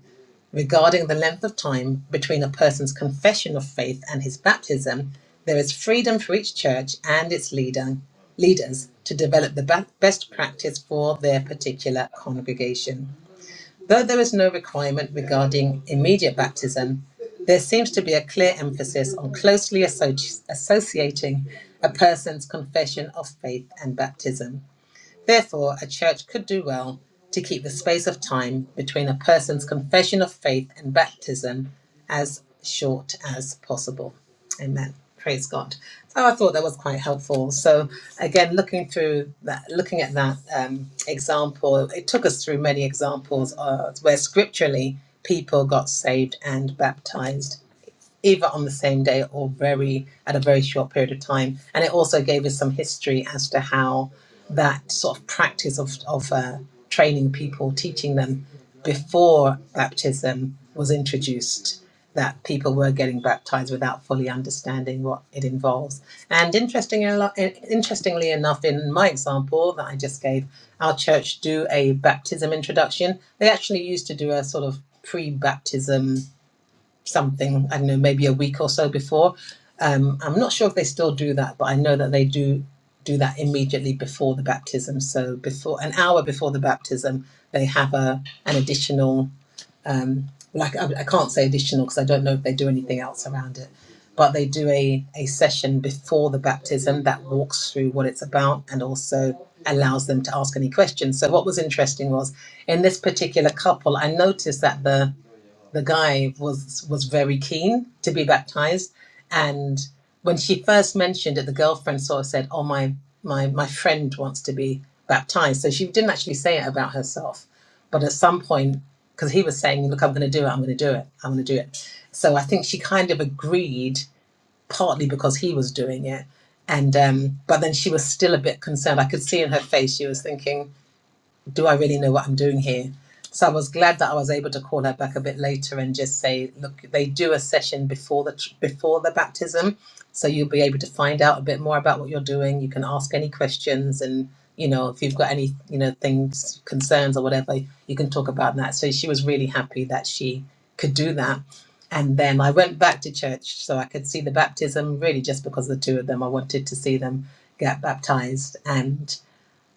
[SPEAKER 3] Regarding the length of time between a person's confession of faith and his baptism, there is freedom for each church and its leader, leaders to develop the best practice for their particular congregation. Though there is no requirement regarding immediate baptism, there seems to be a clear emphasis on closely associ- associating a person's confession of faith and baptism. Therefore, a church could do well to keep the space of time between a person's confession of faith and baptism as short as possible. Amen. Praise God. So I thought that was quite helpful. So again, looking through that, looking at that um, example, it took us through many examples of where scripturally people got saved and baptized either on the same day or very at a very short period of time. And it also gave us some history as to how that sort of practice of of uh, training people, teaching them before baptism was introduced, that people were getting baptized without fully understanding what it involves. And interestingly, interestingly enough, in my example that I just gave, our church do a baptism introduction. They actually used to do a sort of pre-baptism something, I don't know, maybe a week or so before. Um, I'm not sure if they still do that, but I know that they do do that immediately before the baptism. So before an hour before the baptism, they have a an additional um, like I, I can't say additional because I don't know if they do anything else around it, but they do a a session before the baptism that walks through what it's about and also allows them to ask any questions. So what was interesting was in this particular couple, I noticed that the the guy was was very keen to be baptized and when she first mentioned it the girlfriend sort of said oh my my my friend wants to be baptized so she didn't actually say it about herself but at some point because he was saying look i'm going to do it i'm going to do it i'm going to do it so i think she kind of agreed partly because he was doing it and um but then she was still a bit concerned i could see in her face she was thinking do I really know what I'm doing here? So I was glad that I was able to call her back a bit later and just say, look, they do a session before the before the baptism, so you'll be able to find out a bit more about what you're doing. You can ask any questions, and you know if you've got any you know things concerns or whatever, you can talk about that. So she was really happy that she could do that. And then I went back to church so I could see the baptism, really just because of the two of them. I wanted to see them get baptized. and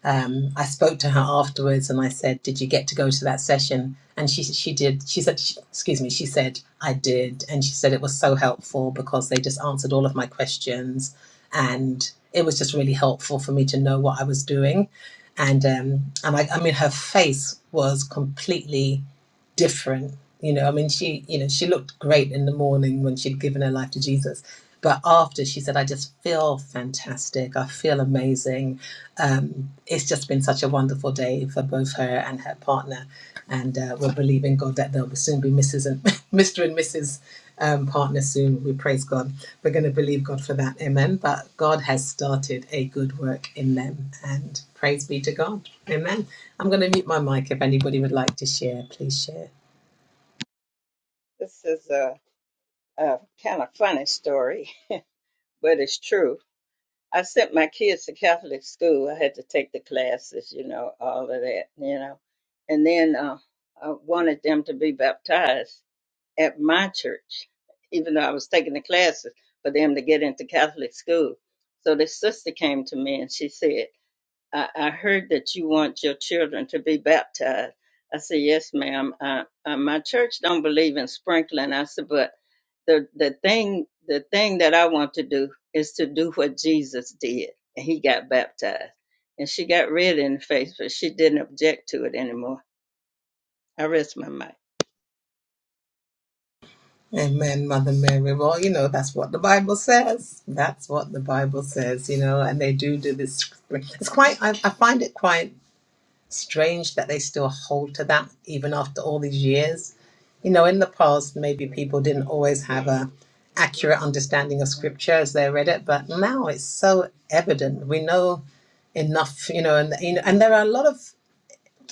[SPEAKER 3] um, I spoke to her afterwards and I said, "Did you get to go to that session?" And she she did. She said, she, "Excuse me." She said, "I did," and she said it was so helpful because they just answered all of my questions, and it was just really helpful for me to know what I was doing, and um, and I, I mean, her face was completely different. You know, I mean, she you know she looked great in the morning when she'd given her life to Jesus. But after she said, I just feel fantastic. I feel amazing um, it's just been such a wonderful day for both her and her partner, and uh, we're believing God that there'll soon be Mrs. and Mr. and Mrs. Um, partner soon. We praise God. We're going to believe God for that. Amen. But God has started a good work in them, and praise be to God. Amen. I'm going to mute my mic. If anybody would like to share, please share.
[SPEAKER 1] This is a, a kind of funny story, but it's true. I sent my kids to Catholic school. I had to take the classes, you know, all of that, you know. And then uh, I wanted them to be baptized at my church, even though I was taking the classes for them to get into Catholic school. So this sister came to me and she said, I, I heard that you want your children to be baptized. I said, yes, ma'am. Uh, uh, my church don't believe in sprinkling. I said, but the the thing the thing that I want to do is to do what Jesus did, and he got baptized, and she got red in the face, but she didn't object to it anymore. I rest my mic.
[SPEAKER 3] Amen, Mother Mary. Well, you know, that's what the Bible says. That's what the Bible says, you know, and they do do this. It's quite, I, I find it quite strange that they still hold to that even after all these years. You know, in the past, maybe people didn't always have a accurate understanding of scripture as they read it, but now it's so evident. We know enough, you know, and you know, and there are a lot of,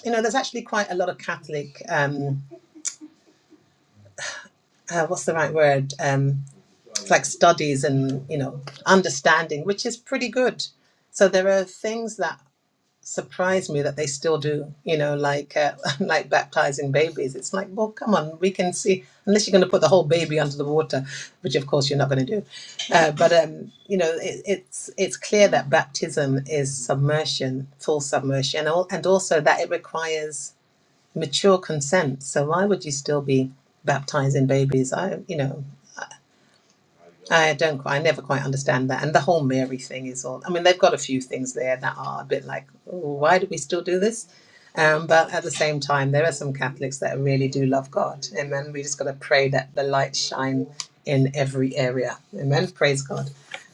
[SPEAKER 3] you know, there's actually quite a lot of Catholic, um, uh, what's the right word, um, like studies and you know, understanding, which is pretty good. So there are things that surprised me that they still do, you know, like uh, like baptizing babies. It's like, well, come on, we can see unless you're going to put the whole baby under the water, which of course you're not going to do. Uh, but um, you know, it, it's it's clear that baptism is submersion, full submersion, and al- and also that it requires mature consent. So why would you still be baptizing babies? I, you know. I don't quite, I never quite understand that. And the whole Mary thing is all, I mean, they've got a few things there that are a bit like, "Ooh, why do we still do this? Um, but at the same time, there are some Catholics that really do love God. Amen. We just got to pray that the light shine in every area. Amen. Praise God.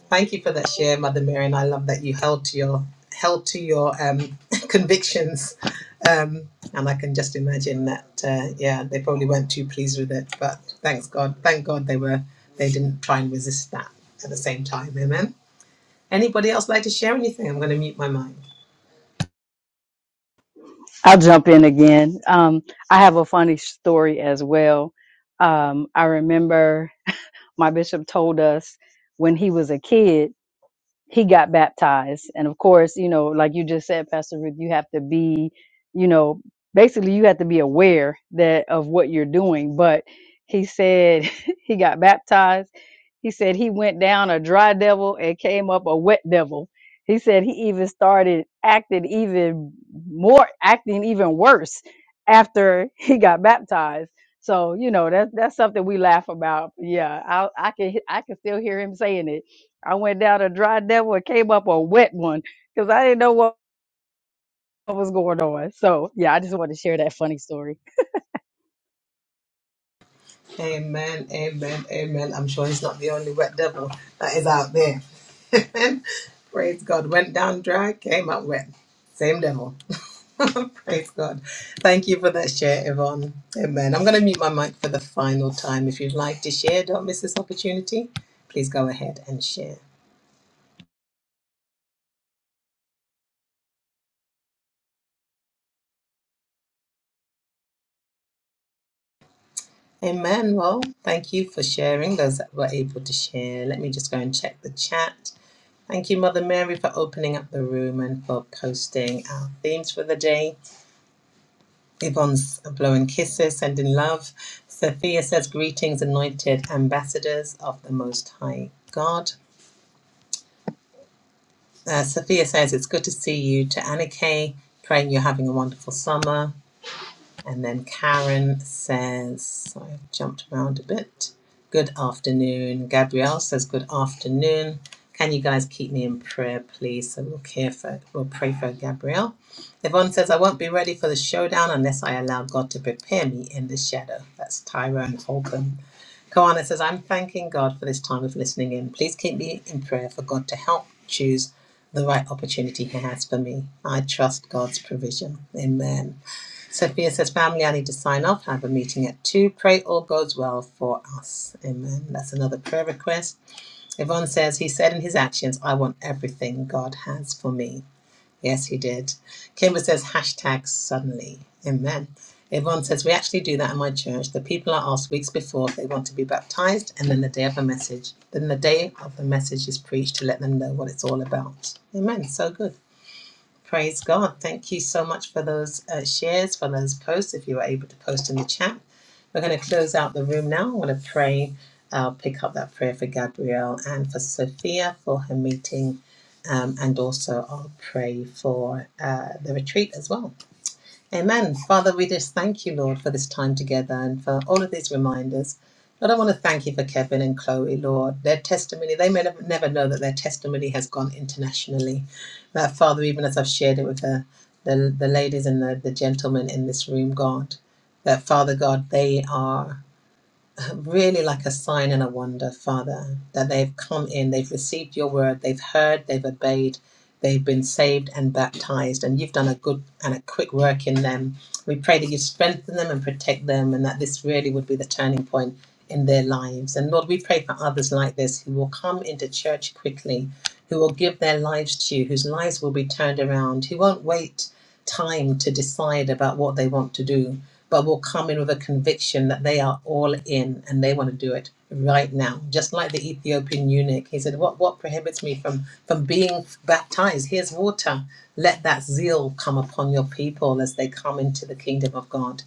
[SPEAKER 3] Thank you for that share, Mother Mary. And I love that you held to your, held to your um, convictions um, and I can just imagine that, uh, yeah, they probably weren't too pleased with it. But thanks God, thank God they were, they didn't try and resist that at the same time. Amen. Anybody else like to share anything? I'm going to mute my mic.
[SPEAKER 5] I'll jump in again. Um, I have a funny story as well. Um, I remember my bishop told us when he was a kid he got baptized. And of course, you know, like you just said, Pastor Ruth, you have to be, you know, basically you have to be aware that of what you're doing. But he said he got baptized. He said he went down a dry devil and came up a wet devil. He said he even started acting even more, acting even worse after he got baptized. So you know that's that's something we laugh about. Yeah, I I can I can still hear him saying it I went down a dry devil and came up a wet one because I didn't know what was going on. So yeah, I just wanted to share that funny story.
[SPEAKER 3] Amen, amen, amen. I'm sure he's not the only wet devil that is out there. Praise God. Went down dry, came up wet. Same devil. Praise God. Thank you for that share, Yvonne. Amen. I'm going to mute my mic for the final time. If you'd like to share, don't miss this opportunity. Please go ahead and share. Amen. Well, thank you for sharing, those that were able to share. Let me just go and check the chat. Thank you, Mother Mary, for opening up the room and for posting our themes for the day. Yvonne's blowing kisses, sending love. Sophia says, Greetings, anointed ambassadors of the Most High God. Uh, Sophia says, It's good to see you. To Anna Kay, praying you're having a wonderful summer. And then Karen says, so I've jumped around a bit. Good afternoon. Gabrielle says, Good afternoon. Can you guys keep me in prayer, please? So we'll care for, we'll pray for Gabrielle. Yvonne says, I won't be ready for the showdown unless I allow God to prepare me in the shadow. That's Tyrone Holcomb. Koana says, I'm thanking God for this time of listening in. Please keep me in prayer for God to help choose the right opportunity He has for me. I trust God's provision. Amen. Sophia says, Family, I need to sign off. I have a meeting at 2. Pray all goes well for us. Amen. That's another prayer request. Yvonne says, He said in his actions, I want everything God has for me. Yes, he did. Kimber says, hashtag suddenly. Amen. Yvonne says, We actually do that in my church. The people are asked weeks before if they want to be baptized, and then the day of the message. Then the day of the message is preached to let them know what it's all about. Amen. So good. Praise God. Thank you so much for those uh, shares, for those posts, if you were able to post in the chat. We're going to close out the room now. I want to pray. I'll pick up that prayer for Gabrielle and for Sophia for her meeting. Um, and also, I'll pray for uh, the retreat as well. Amen. Father, we just thank you, Lord, for this time together and for all of these reminders. Lord, I want to thank you for Kevin and Chloe, Lord. Their testimony, they may nev- never know that their testimony has gone internationally. That, Father, even as I've shared it with the, the, the ladies and the, the gentlemen in this room, God, that, Father God, they are really like a sign and a wonder, Father, that they've come in, they've received your word, they've heard, they've obeyed, they've been saved and baptized, and you've done a good and a quick work in them. We pray that you strengthen them and protect them, and that this really would be the turning point in their lives. And Lord, we pray for others like this who will come into church quickly, who will give their lives to you, whose lives will be turned around, who won't wait time to decide about what they want to do, but will come in with a conviction that they are all in and they want to do it right now. Just like the Ethiopian eunuch, he said, "What what prohibits me from from being baptized? Here's water. Let that zeal come upon your people as they come into the kingdom of God."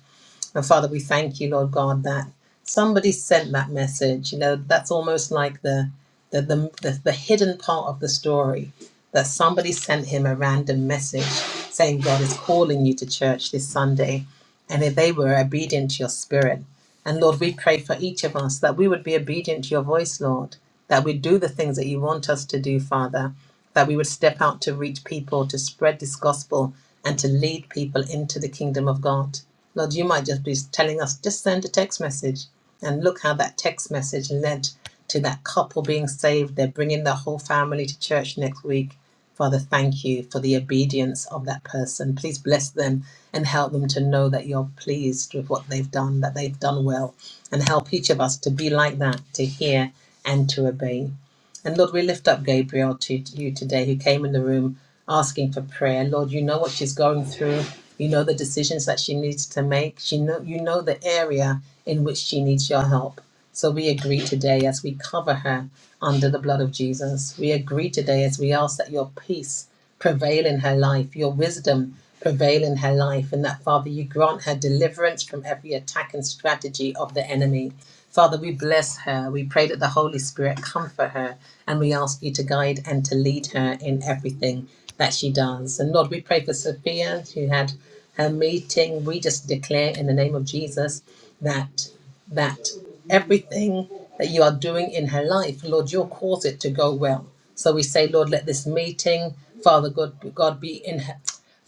[SPEAKER 3] And Father, we thank you, Lord God, that somebody sent that message. You know, that's almost like the the the, the, the hidden part of the story that somebody sent him a random message saying God is calling you to church this Sunday. And if they were obedient to your spirit, and Lord, we pray for each of us that we would be obedient to your voice, Lord, that we'd do the things that you want us to do, Father, that we would step out to reach people, to spread this gospel, and to lead people into the kingdom of God. Lord, you might just be telling us, just send a text message. And look how that text message led to that couple being saved. They're bringing their whole family to church next week. Father, thank you for the obedience of that person. Please bless them and help them to know that you're pleased with what they've done, that they've done well, and help each of us to be like that, to hear and to obey. And Lord, we lift up Gabriel to, you today, who came in the room asking for prayer. Lord, you know what she's going through. You know the decisions that she needs to make. She know you know the area in which she needs your help. So we agree today as we cover her under the blood of Jesus. We agree today as we ask that your peace prevail in her life, your wisdom prevail in her life, and that, Father, you grant her deliverance from every attack and strategy of the enemy. Father, we bless her. We pray that the Holy Spirit comfort her, and we ask you to guide and to lead her in everything that she does. And Lord, we pray for Sophia, who had her meeting. We just declare in the name of Jesus that that everything that you are doing in her life, Lord, you'll cause it to go well. So we say, Lord, let this meeting, Father God, God be in her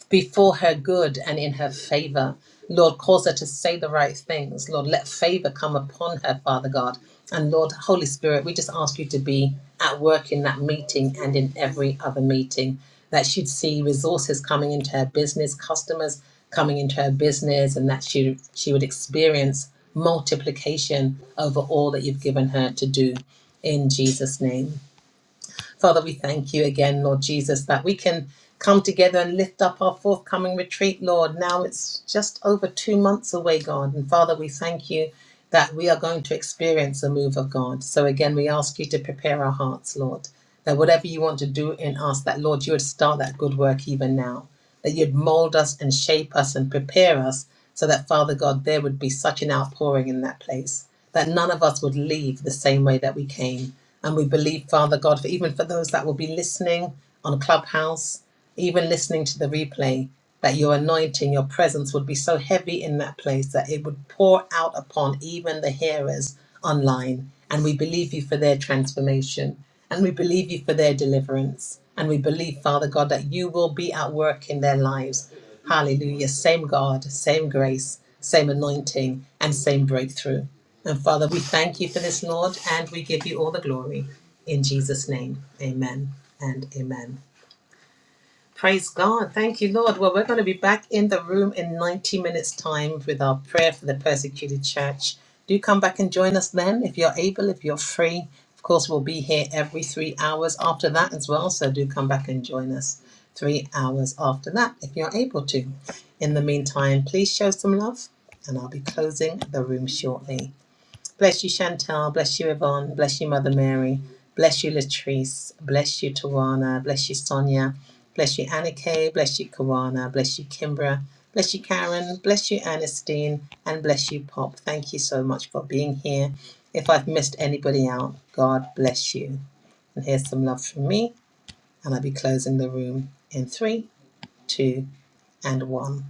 [SPEAKER 3] before her good and in her favor. Lord, cause her to say the right things. Lord, let favor come upon her, Father God. And Lord, Holy Spirit, we just ask you to be at work in that meeting and in every other meeting, that she'd see resources coming into her business, customers coming into her business, and that she, she would experience multiplication over all that you've given her to do. In Jesus' name. Father, we thank you again, Lord Jesus, that we can come together and lift up our forthcoming retreat, Lord. Now it's just over two months away, God. And Father, we thank you that we are going to experience a move of God. So again, we ask you to prepare our hearts, Lord, that whatever you want to do in us, that, Lord, you would start that good work even now that you'd mold us and shape us and prepare us so that, Father God, there would be such an outpouring in that place that none of us would leave the same way that we came. And we believe, Father God, for even for those that will be listening on Clubhouse, even listening to the replay, that your anointing, your presence would be so heavy in that place that it would pour out upon even the hearers online. And we believe you for their transformation. And we believe you for their deliverance. And we believe, Father God, that you will be at work in their lives. Hallelujah. Same God, same grace, same anointing, and same breakthrough. And Father, we thank you for this, Lord, and we give you all the glory. In Jesus' name, amen and amen. Praise God. Thank you, Lord. Well, we're going to be back in the room in 90 minutes' time with our prayer for the persecuted church. Do come back and join us then if you're able, if you're free. Of course, we'll be here every three hours after that as well. So do come back and join us three hours after that if you're able to. In the meantime, please show some love, and I'll be closing the room shortly. Bless you, Chantal. Bless you, Yvonne. Bless you, Mother Mary. Bless you, Latrice. Bless you, Tawana. Bless you, Sonia. Bless you, Annika. Bless you, Kawana. Bless you, Kimbra. Bless you, Karen. Bless you, Ernestine. And bless you, Pop. Thank you so much for being here. If I've missed anybody out, God bless you. And here's some love from me. And I'll be closing the room in three, two, and one.